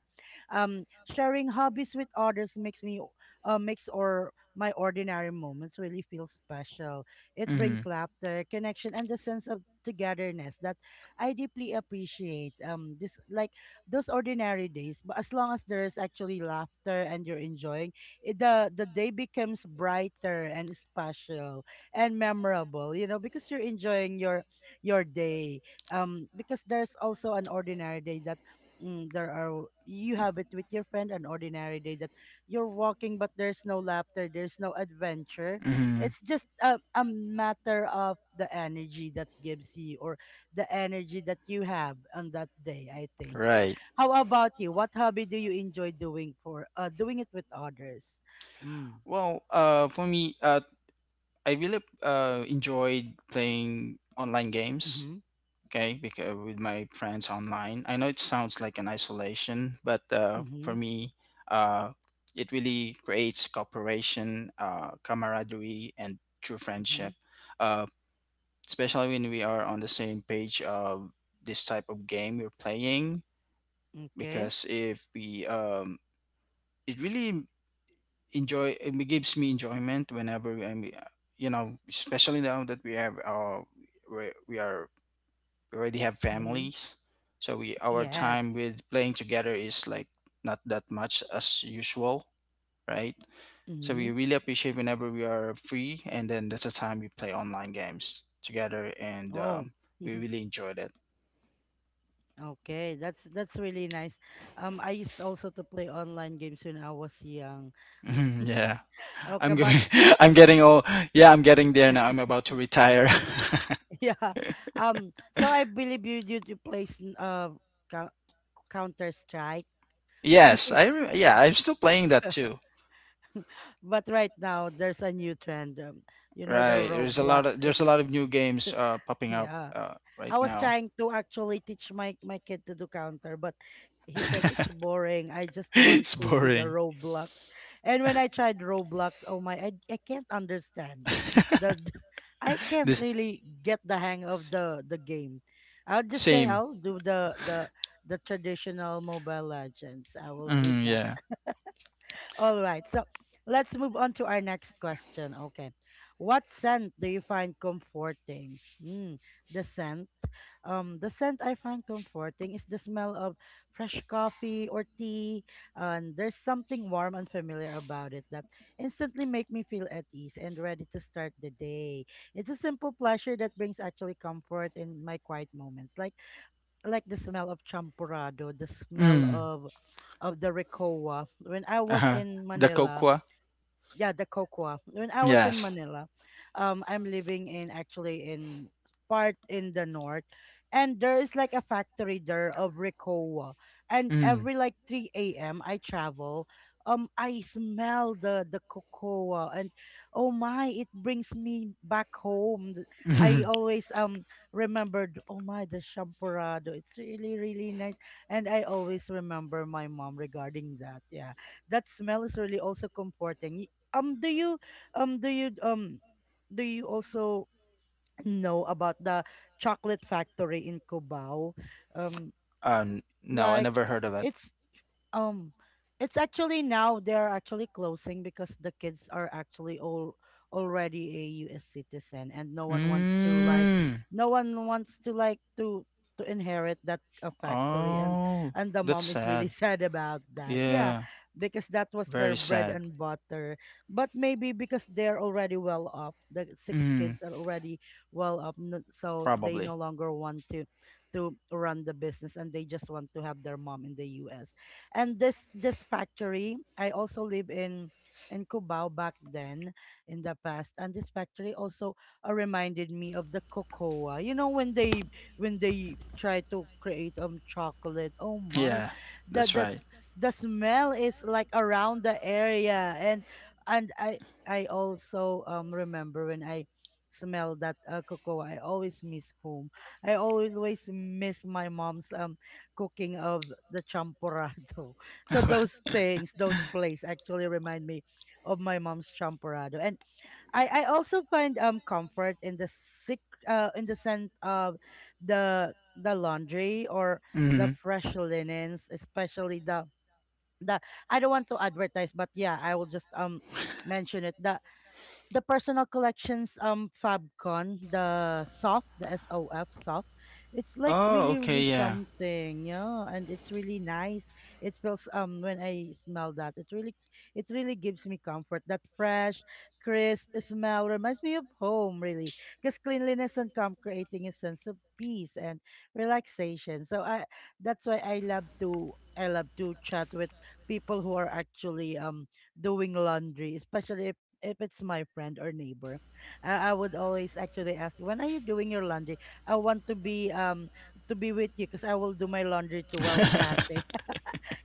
Speaker 1: Sharing hobbies with others makes me makes or my ordinary moments really feel special. It brings
Speaker 2: Mm.
Speaker 1: laughter, connection, and the sense of togetherness that I deeply appreciate. This like those ordinary days, but as long as there's actually laughter and you're enjoying it, the day becomes brighter and special and memorable. You know, because you're enjoying your day. Because there's also an ordinary day that there are you have it with your friend, an ordinary day that you're walking but there's no laughter, there's no adventure.
Speaker 2: Hmm.
Speaker 1: It's just a, matter of the energy that gives you, or the energy that you have on that day, I think.
Speaker 2: Right.
Speaker 1: How about you? What hobby do you enjoy doing for doing it with others? mm,
Speaker 2: Well, for me, I really enjoyed playing online games.
Speaker 1: mm-hmm.
Speaker 2: Okay, because with my friends online, I know it sounds like an isolation, but
Speaker 1: Mm-hmm.
Speaker 2: for me, uh, it really creates cooperation, camaraderie, and true
Speaker 1: Mm-hmm.
Speaker 2: friendship. Uh, especially when we are on the same page of this type of game we're playing,
Speaker 1: Okay.
Speaker 2: because if we it really enjoy, it gives me enjoyment whenever I'm, you know, especially now that we have we, we are we already have
Speaker 1: Mm-hmm.
Speaker 2: families, so we our
Speaker 1: Yes.
Speaker 2: time with playing together is like not that much as usual, right?
Speaker 1: Mm-hmm.
Speaker 2: So we really appreciate whenever we are free, and then that's the time we play online games together, and
Speaker 1: Oh.
Speaker 2: we really enjoy that.
Speaker 1: Okay, that's really nice. I used also to play online games when I was young.
Speaker 2: Mhm, yeah. I'm
Speaker 1: Okay, but
Speaker 2: going
Speaker 1: uh,
Speaker 2: I'm getting old. Yeah, I'm getting there now. I'm about to retire.
Speaker 1: yeah. Um, so I believe you plays Counter Strike.
Speaker 2: Yes, yeah, I'm still playing that too.
Speaker 1: But right now there's a new trend. You know the
Speaker 2: Right. There's a lot
Speaker 1: Roblox
Speaker 2: of, there's a
Speaker 1: is.
Speaker 2: lot of new games popping up
Speaker 1: Yeah.
Speaker 2: right
Speaker 1: I was
Speaker 2: now.
Speaker 1: trying to actually teach my kid to do counter, but he said it's boring. I just want
Speaker 2: It's
Speaker 1: to do the
Speaker 2: boring.
Speaker 1: Roblox. And when I tried Roblox, oh my, I can't understand the I can't
Speaker 2: This
Speaker 1: really get the hang of the game. I'll just say
Speaker 2: same.
Speaker 1: I'll do the traditional Mobile Legends. I will do
Speaker 2: Mm,
Speaker 1: that.
Speaker 2: yeah.
Speaker 1: All right. So let's move on to our next question. Okay. What scent do you find comforting? Mm, the scent. The scent I find comforting is the smell of fresh coffee or tea. And there's something warm and familiar about it that instantly make me feel at ease and ready to start the day. It's a simple pleasure that brings actually comfort in my quiet moments. Like, I like the smell of champurrado, the smell
Speaker 2: Mm.
Speaker 1: of the recoa. When I was
Speaker 2: Uh-huh.
Speaker 1: in
Speaker 2: The
Speaker 1: Manila.
Speaker 2: Kokwa?
Speaker 1: Yeah, the cocoa, when I was in
Speaker 2: Yes.
Speaker 1: Manila. I'm living in actually in part in the north, and there is like a factory there of recoa, and
Speaker 2: Mm.
Speaker 1: every like 3 a.m. I travel. I smell the cocoa, and oh my, it brings me back home. I always remembered, oh my, the champorado. It's really really nice. And I always remember my mom regarding that. Yeah, that smell is really also comforting. um do you um do you um do you also know about the chocolate factory in Cubao? Um
Speaker 2: No, I
Speaker 1: like,
Speaker 2: never heard of it.
Speaker 1: it's um, it's actually now they're actually closing because the kids are actually all already a US citizen, and no one wants to like
Speaker 2: Mm.
Speaker 1: no one wants to like to inherit that factory. and
Speaker 2: Oh,
Speaker 1: and the
Speaker 2: that's
Speaker 1: mom is really
Speaker 2: sad.
Speaker 1: sad about that. Yeah,
Speaker 2: Yeah,
Speaker 1: because that was
Speaker 2: very
Speaker 1: their bread
Speaker 2: sad.
Speaker 1: and butter. But maybe because they're already well up, the six
Speaker 2: Mm,
Speaker 1: kids are already well up, so they
Speaker 2: probably.
Speaker 1: no longer want to run the business, and they just want to have their mom in the US. And this factory, I also live in Cubao back then, in the past, and this factory also reminded me of the cocoa. You know, when they try to create chocolate. Oh my,
Speaker 2: Yeah,
Speaker 1: the
Speaker 2: that's
Speaker 1: the
Speaker 2: right.
Speaker 1: s- the smell is like around the area, and I also remember when I smell that cocoa, I always miss home. I always miss my mom's cooking of the champorado. So those things, those plays actually remind me of my mom's champorado. And I also find comfort in the sick in the scent of the laundry or the
Speaker 2: Mm.
Speaker 1: fresh linens, especially the I don't want to advertise, but yeah, I will just mention it. The personal collections FabCon, the soft, the SOF soft. It's like
Speaker 2: Oh,
Speaker 1: really really
Speaker 2: okay, yeah.
Speaker 1: something, yeah, and it's really nice. It feels when I smell that, it really gives me comfort. That fresh, crisp smell reminds me of home, really. Because cleanliness and calm creating a sense of peace and relaxation. So I that's why I love to chat with people who are actually doing laundry, especially if it's my friend or neighbor, I would always actually ask, "When are you doing your laundry? I want to be with you because I will do my laundry too while chatting."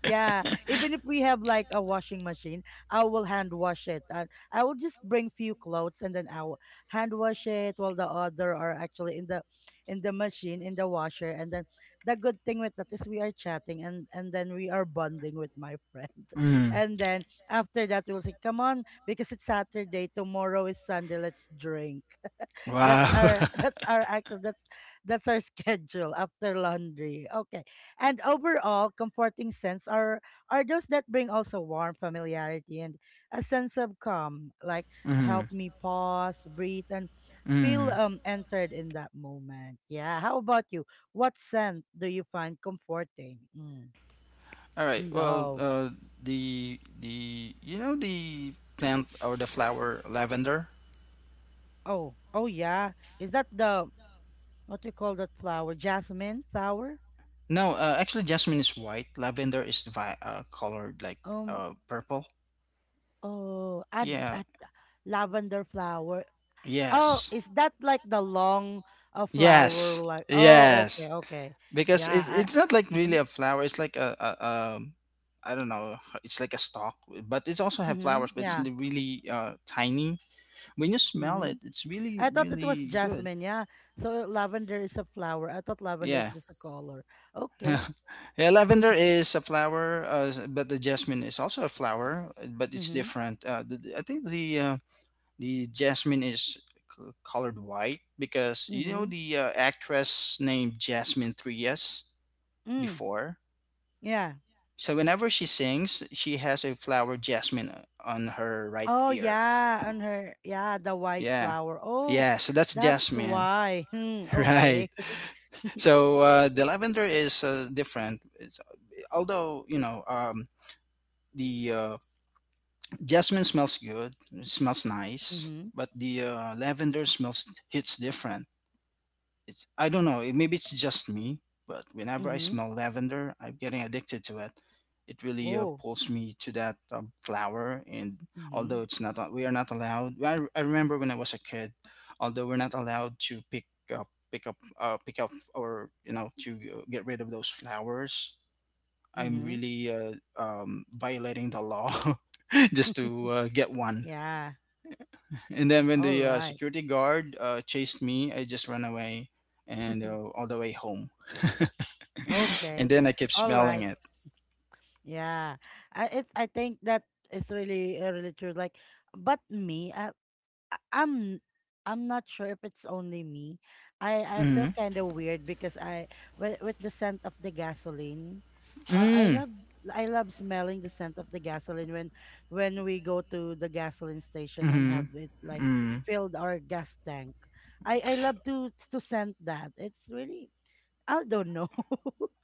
Speaker 1: Yeah, even if we have like a washing machine, I will hand wash it. I will just bring few clothes and then I will hand wash it while the other are actually in the machine, in the washer. And then the good thing with that is we are chatting, and then we are bonding with my friend.
Speaker 2: Mm.
Speaker 1: And then after that we'll say, "Come on, because it's Saturday, tomorrow is Sunday, let's drink."
Speaker 2: Wow.
Speaker 1: That's our that's our schedule after laundry. Okay. And overall, comforting scents are those that bring also warm familiarity and a sense of calm, like
Speaker 2: Mm.
Speaker 1: help me pause, breathe, and feel
Speaker 2: Mm.
Speaker 1: entered in that moment. Yeah. How about you? What scent do you find comforting? Mm.
Speaker 2: All right. Well,
Speaker 1: No.
Speaker 2: the you know the plant or the flower lavender.
Speaker 1: Oh. Oh yeah. Is that the what do you call that flower? Jasmine flower?
Speaker 2: No, actually, jasmine is white. Lavender is colored like
Speaker 1: Um
Speaker 2: purple.
Speaker 1: Oh,
Speaker 2: Yeah.
Speaker 1: lavender flower. Oh,
Speaker 2: Yes.
Speaker 1: is that like the long flower?
Speaker 2: Yes,
Speaker 1: Like, oh, okay,
Speaker 2: yes,
Speaker 1: okay.
Speaker 2: because
Speaker 1: Yeah.
Speaker 2: it's not like really
Speaker 1: Mm-hmm,
Speaker 2: a flower. It's like a I don't know. It's like a stalk, but it also have
Speaker 1: mm-hmm,
Speaker 2: flowers, but it's
Speaker 1: yeah.
Speaker 2: really tiny. When you smell
Speaker 1: Mm-hmm.
Speaker 2: it, it's really
Speaker 1: I thought it was
Speaker 2: really good.
Speaker 1: jasmine. Yeah. So lavender is a flower. I thought lavender is
Speaker 2: Yeah.
Speaker 1: just a color. Okay.
Speaker 2: Yeah, lavender is a flower, but the jasmine is also a flower, but it's
Speaker 1: Mm-hmm,
Speaker 2: different. I think the jasmine is colored white because you know
Speaker 1: mm-hmm.
Speaker 2: the actress named Jasmine Trias
Speaker 1: Mm,
Speaker 2: before.
Speaker 1: yeah.
Speaker 2: So whenever she sings, she has a flower jasmine on her right
Speaker 1: Oh,
Speaker 2: ear.
Speaker 1: yeah. On her, yeah, the white
Speaker 2: Yeah,
Speaker 1: flower. Oh,
Speaker 2: yeah. So that's
Speaker 1: that's
Speaker 2: jasmine,
Speaker 1: why. Hmm,
Speaker 2: right?
Speaker 1: okay.
Speaker 2: So the lavender is different. It's, although you know the jasmine smells good, it smells nice,
Speaker 1: Mm-hmm,
Speaker 2: but the lavender smells hits different. It's I don't know, it, maybe it's just me, but whenever I
Speaker 1: mm-hmm.
Speaker 2: smell lavender, I'm getting addicted to it. It really
Speaker 1: Oh,
Speaker 2: pulls me to that flower, and
Speaker 1: mm-hmm,
Speaker 2: although it's not, we are not allowed. I remember when I was a kid, although we're not allowed to pick up, or you know, to get rid of those flowers. I'm
Speaker 1: mm-hmm.
Speaker 2: really violating the law just to get one.
Speaker 1: Yeah.
Speaker 2: And then when
Speaker 1: All
Speaker 2: the
Speaker 1: right.
Speaker 2: security guard chased me, I just ran away and all the way home. And
Speaker 1: Okay.
Speaker 2: then I kept
Speaker 1: All
Speaker 2: smelling
Speaker 1: right.
Speaker 2: it.
Speaker 1: Yeah. I think that is really really true. Like, but me, I- I'm I'm not sure if it's only me. I feel
Speaker 2: Mm.
Speaker 1: kind of weird because I with the scent of the gasoline. I
Speaker 2: Mm.
Speaker 1: love smelling the scent of the gasoline when we go to the gasoline station and have
Speaker 2: Mm.
Speaker 1: it like
Speaker 2: Mm.
Speaker 1: filled our gas tank. I love to scent that. It's really, I don't know.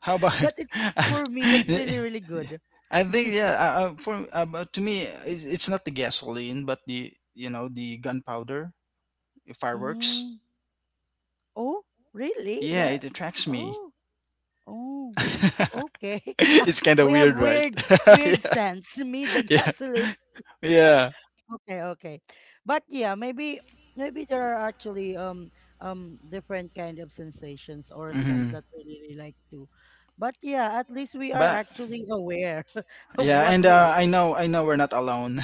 Speaker 2: How about?
Speaker 1: But it's for me, but it's really,
Speaker 2: I
Speaker 1: really good.
Speaker 2: think yeah. For but to me, it's not the gasoline, but the you know the gunpowder, the fireworks.
Speaker 1: Mm. Oh, really?
Speaker 2: Yeah,
Speaker 1: The
Speaker 2: it attracts me.
Speaker 1: Oh, oh, okay. Ah,
Speaker 2: It's kind of
Speaker 1: we have
Speaker 2: weird, right?
Speaker 1: weird,
Speaker 2: Yeah.
Speaker 1: weird scents. Me, the
Speaker 2: Yeah.
Speaker 1: gasoline.
Speaker 2: Yeah.
Speaker 1: Okay, okay. But yeah, maybe there are actually different kind of sensations or scent
Speaker 2: Hmm.
Speaker 1: that we really like too. But yeah, at least we are
Speaker 2: But
Speaker 1: actually aware of
Speaker 2: yeah,
Speaker 1: what
Speaker 2: and
Speaker 1: we like.
Speaker 2: I know, we're not alone.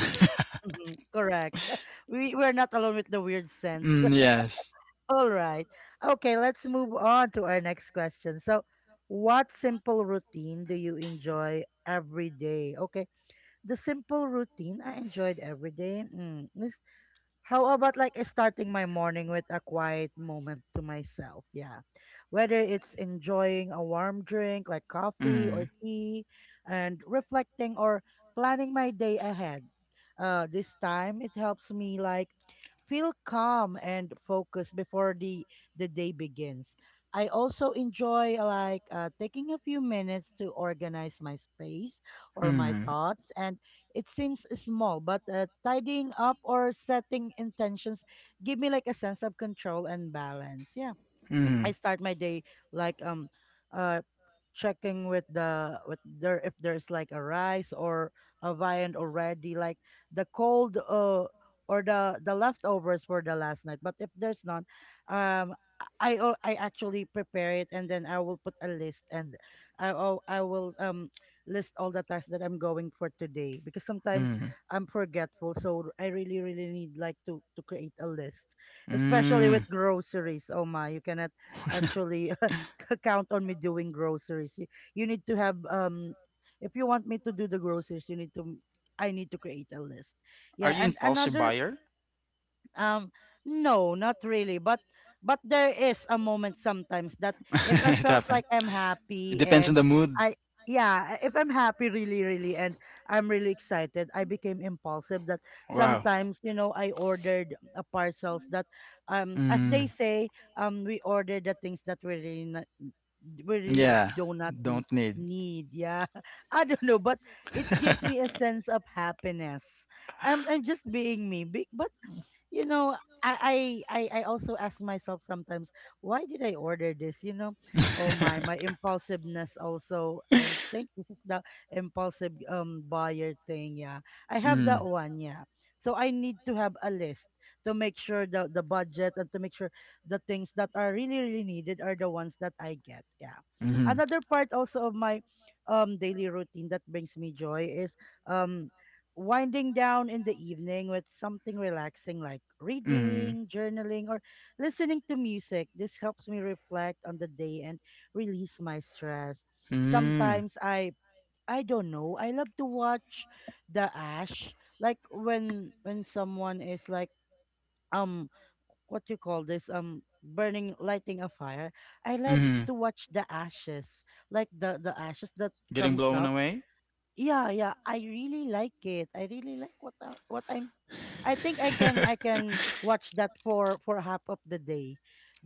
Speaker 1: Mhm, correct. We're not alone with the weird sense.
Speaker 2: Mm, yes.
Speaker 1: All right. Okay, let's move on to our next question. So, what simple routine do you enjoy every day? Okay, the simple routine I enjoyed every day, is how about like starting my morning with a quiet moment to myself? Yeah. Whether it's enjoying a warm drink like coffee or
Speaker 2: Mm.
Speaker 1: tea and reflecting or planning my day ahead. This time it helps me like feel calm and focused before the day begins. I also enjoy like taking a few minutes to organize my space or my
Speaker 2: Mm.
Speaker 1: thoughts, and it seems small, but tidying up or setting intentions give me like a sense of control and balance. Yeah. I
Speaker 2: Mm.
Speaker 1: start my day like uh checking with there if there's like a rice or a viand already, like the cold or the leftovers for the last night. But if there's none, um I actually prepare it, and then I will put a list, and I will list all the tasks that I'm going for today, because sometimes
Speaker 2: Mm.
Speaker 1: I'm forgetful, so I really really need like to create a list, especially
Speaker 2: Mm.
Speaker 1: with groceries. Oh my, you cannot actually count on me doing groceries. You need to have, if you want me to do the groceries, you need to I need to create a list.
Speaker 2: Are
Speaker 1: Yeah,
Speaker 2: you
Speaker 1: and
Speaker 2: impulsive
Speaker 1: another,
Speaker 2: buyer?
Speaker 1: um, no, not really. But there is a moment sometimes that, if I
Speaker 2: It
Speaker 1: felt
Speaker 2: happened.
Speaker 1: like I'm
Speaker 2: It
Speaker 1: happy
Speaker 2: depends on
Speaker 1: and
Speaker 2: the mood.
Speaker 1: I yeah, if I'm happy really, really, and I'm really excited, I became impulsive that
Speaker 2: Wow.
Speaker 1: sometimes, I ordered parcels that, as
Speaker 2: Mm.
Speaker 1: they say, we order the things that we really
Speaker 2: Yeah.
Speaker 1: do not
Speaker 2: Don't need.
Speaker 1: need. Yeah. I don't know, but it gives me a sense of happiness. I'm just being me, but you know, I, I I also ask myself sometimes, why did I order this? Oh my, my impulsiveness also. I think this is the impulsive buyer thing. Yeah, I have that
Speaker 2: Mm,
Speaker 1: one. Yeah, so I need to have a list to make sure the budget and to make sure the things that are really really needed are the ones that I get. Yeah,
Speaker 2: hmm.
Speaker 1: another part also of my daily routine that brings me joy is um winding down in the evening with something relaxing like
Speaker 2: Hmm.
Speaker 1: reading, journaling, or listening to music. This helps me reflect on the day and release my stress.
Speaker 2: Mm,
Speaker 1: Sometimes I don't know. I love to watch the ash like when someone is like um what you call this burning lighting a fire. I love
Speaker 2: hmm.
Speaker 1: to watch the ashes, like the ashes that
Speaker 2: Getting
Speaker 1: comes
Speaker 2: blown
Speaker 1: up.
Speaker 2: away?
Speaker 1: Yeah, yeah. I really like it. I really like what I, what I'm. S- I think I can watch that for half of the day,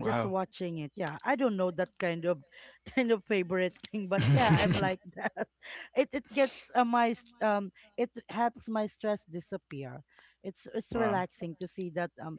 Speaker 1: just watching it. Yeah, I don't know that kind of kind of favorite thing, but yeah, I'm like that. It gets my it helps my stress disappear. It's
Speaker 2: Wow.
Speaker 1: relaxing to see that um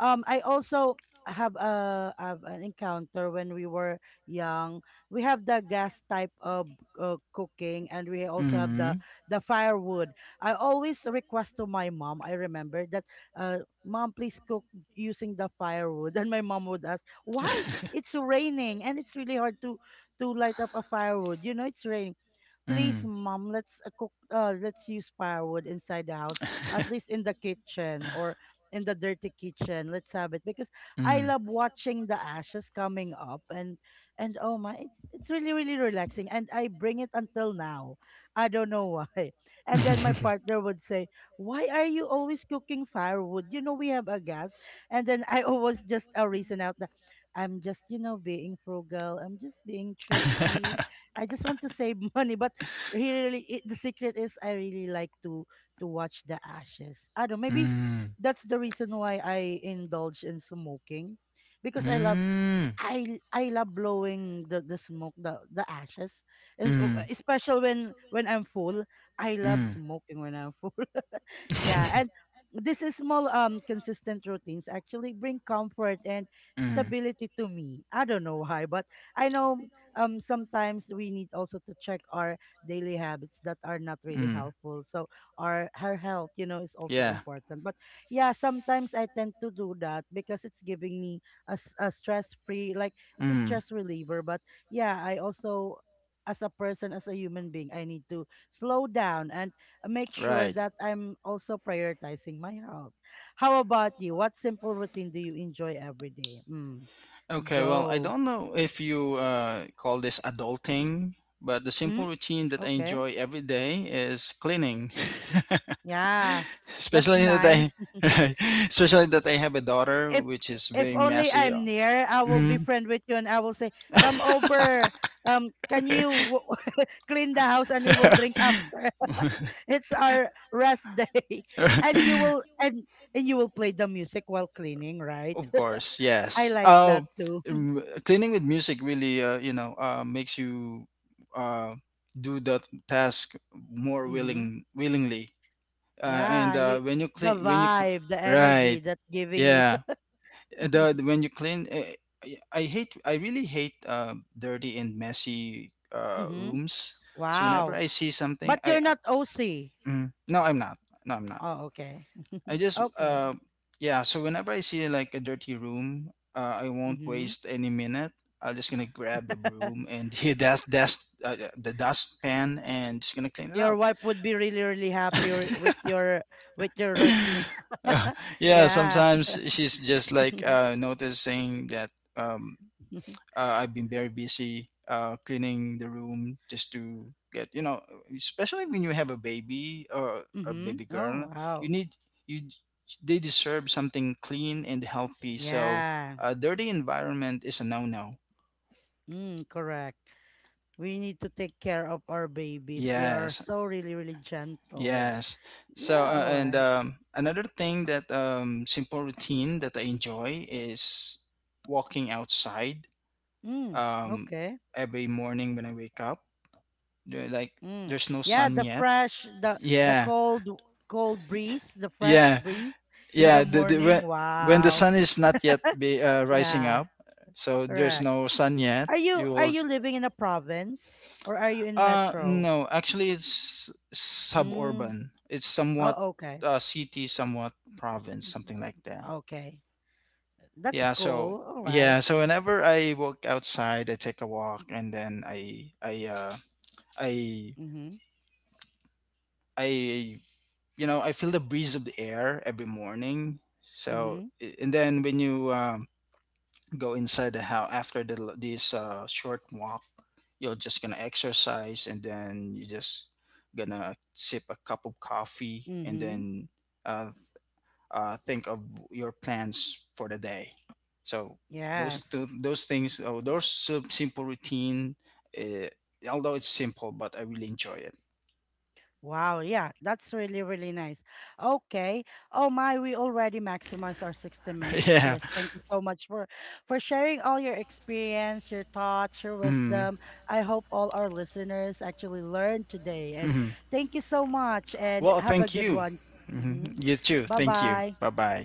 Speaker 1: um I also have an encounter when we were young. We have the gas type of cooking, and we also have the
Speaker 2: Mm-hmm.
Speaker 1: the firewood. I always request to my mom, I remember that, uh, mom please cook using the firewood. And my mom would ask why. It's raining and it's really hard to light up a firewood, you know it's raining. Please
Speaker 2: Mm.
Speaker 1: mom, let's cook, let's use firewood inside the house, at least in the kitchen, or in the dirty kitchen let's have it, because I
Speaker 2: Mm.
Speaker 1: love watching the ashes coming up. And oh my, it's really really relaxing, and I bring it until now. I don't know why. And then my partner would say, why are you always cooking firewood, you know we have a gas. And then I always just reason out that I'm just, you know, being frugal, I'm just being thrifty. I just want to save money, but he really it, the secret is I really like to watch the ashes. I don't, maybe
Speaker 2: Mm.
Speaker 1: that's the reason why I indulge in smoking, because I love,
Speaker 2: Mm.
Speaker 1: I love blowing the smoke, the ashes, and
Speaker 2: Mm.
Speaker 1: especially when I'm full, I love
Speaker 2: Mm.
Speaker 1: smoking when I'm full. Yeah, and this is small consistent routines actually bring comfort and
Speaker 2: Mm.
Speaker 1: stability to me. I don't know why, but I know, sometimes we need also to check our daily habits that are not really
Speaker 2: Mm.
Speaker 1: helpful. So our her health, you know, is also
Speaker 2: Yeah.
Speaker 1: important. But yeah, sometimes I tend to do that because it's giving me a, a stress free, like it's a
Speaker 2: Mm,
Speaker 1: stress reliever, but yeah, I also, as a person, as a human being, I need to slow down and make sure
Speaker 2: right.
Speaker 1: that I'm also prioritizing my health. How about you, what simple routine do you enjoy every day? Mm.
Speaker 2: Okay, well, I
Speaker 1: Go.
Speaker 2: don't know if you call this adulting, but the
Speaker 1: Mm,
Speaker 2: simple routine that I
Speaker 1: okay.
Speaker 2: enjoy every day is cleaning.
Speaker 1: Yeah, that's
Speaker 2: Especially that I
Speaker 1: nice.
Speaker 2: right. Especially that I have a daughter
Speaker 1: If
Speaker 2: which is very
Speaker 1: only
Speaker 2: messy.
Speaker 1: I'm near, I will be
Speaker 2: Mhm.
Speaker 1: friend with you and I will say, come over, can you clean the house, and we will drink after, it's our rest day. And you will, and you will play the music while cleaning, right?
Speaker 2: Of course,
Speaker 1: I
Speaker 2: yes.
Speaker 1: like that too.
Speaker 2: Cleaning with music really, you know, makes you uh, do that task more
Speaker 1: Mm-hmm.
Speaker 2: willing, willingly.
Speaker 1: Yeah,
Speaker 2: And
Speaker 1: you,
Speaker 2: when you
Speaker 1: the
Speaker 2: clean,
Speaker 1: vibe, the energy
Speaker 2: right,
Speaker 1: that's giving you.
Speaker 2: yeah. The when you clean, I hate, I really hate dirty and messy
Speaker 1: Mm-hmm.
Speaker 2: rooms. So whenever
Speaker 1: Wow.
Speaker 2: I see something,
Speaker 1: But you're
Speaker 2: I
Speaker 1: not OC?
Speaker 2: mm, no, I'm not. No, I'm not.
Speaker 1: Oh, okay.
Speaker 2: I just
Speaker 1: Okay.
Speaker 2: yeah, so whenever I see like a dirty room, I won't
Speaker 1: Mm-hmm.
Speaker 2: waste any minute. I'm just gonna grab the broom and the dust dust the dustpan and just gonna clean it
Speaker 1: Your
Speaker 2: out.
Speaker 1: wife would be really really happy with your, with your routine.
Speaker 2: Uh, yeah,
Speaker 1: Yeah.
Speaker 2: sometimes she's just like
Speaker 1: Mm-hmm.
Speaker 2: noticing that. Um, I've been very busy cleaning the room just to get you know, especially when you have a baby or a baby
Speaker 1: Oh
Speaker 2: girl,
Speaker 1: wow.
Speaker 2: you need you they deserve something clean and healthy. So
Speaker 1: Yeah.
Speaker 2: a dirty environment is a no-no.
Speaker 1: Mm, correct. We need to take care of our babies. They are
Speaker 2: Yes,
Speaker 1: so really, really gentle.
Speaker 2: yes. So
Speaker 1: Yeah, all
Speaker 2: and
Speaker 1: right.
Speaker 2: another thing that simple routine that I enjoy is walking outside
Speaker 1: Mm,
Speaker 2: um,
Speaker 1: okay.
Speaker 2: every morning when I wake up. They're like
Speaker 1: Mm.
Speaker 2: there's no
Speaker 1: Yeah,
Speaker 2: sun
Speaker 1: the
Speaker 2: yet.
Speaker 1: fresh, the
Speaker 2: Yeah,
Speaker 1: cold cold breeze, the fresh
Speaker 2: yeah,
Speaker 1: breeze in the
Speaker 2: yeah.
Speaker 1: morning.
Speaker 2: When the
Speaker 1: Wow.
Speaker 2: sun is not yet be rising
Speaker 1: Yeah,
Speaker 2: up, so there's
Speaker 1: correct.
Speaker 2: no sun yet.
Speaker 1: Are you
Speaker 2: You
Speaker 1: are
Speaker 2: will.
Speaker 1: you living in a province, or are you in metro?
Speaker 2: No, actually, it's
Speaker 1: Mm.
Speaker 2: suburban. It's
Speaker 1: Oh,
Speaker 2: somewhat
Speaker 1: okay.
Speaker 2: city, somewhat province, something like that.
Speaker 1: Okay. That's
Speaker 2: Yeah. So
Speaker 1: cool. All right.
Speaker 2: yeah. So whenever I walk outside, I take a walk, and then I
Speaker 1: Mm-hmm.
Speaker 2: I, you know, I feel the breeze of the air every morning. So,
Speaker 1: Mm-hmm.
Speaker 2: and then when you go inside the house after the, this short walk, you're just gonna exercise, and then you just gonna sip a cup of coffee, and
Speaker 1: Mm-hmm.
Speaker 2: then uh, think of your plans for the day. So those
Speaker 1: Yes.
Speaker 2: two, those things, oh, those simple routine. Uh, although it's simple, but I really enjoy it.
Speaker 1: Wow, yeah, that's really, really nice. Okay. Oh my, we already maximized our 60 minutes,
Speaker 2: Yeah.
Speaker 1: Chris. Thank you so much for sharing all your experience, your thoughts, your
Speaker 2: Mm-hmm.
Speaker 1: wisdom. I hope all our listeners actually learned today. And
Speaker 2: Mm-hmm.
Speaker 1: thank you so much and
Speaker 2: Well,
Speaker 1: have a
Speaker 2: thank
Speaker 1: good
Speaker 2: you.
Speaker 1: one.
Speaker 2: Mhm.
Speaker 1: Hmm.
Speaker 2: You too. Thank you. Bye
Speaker 1: Bye-bye.
Speaker 2: bye.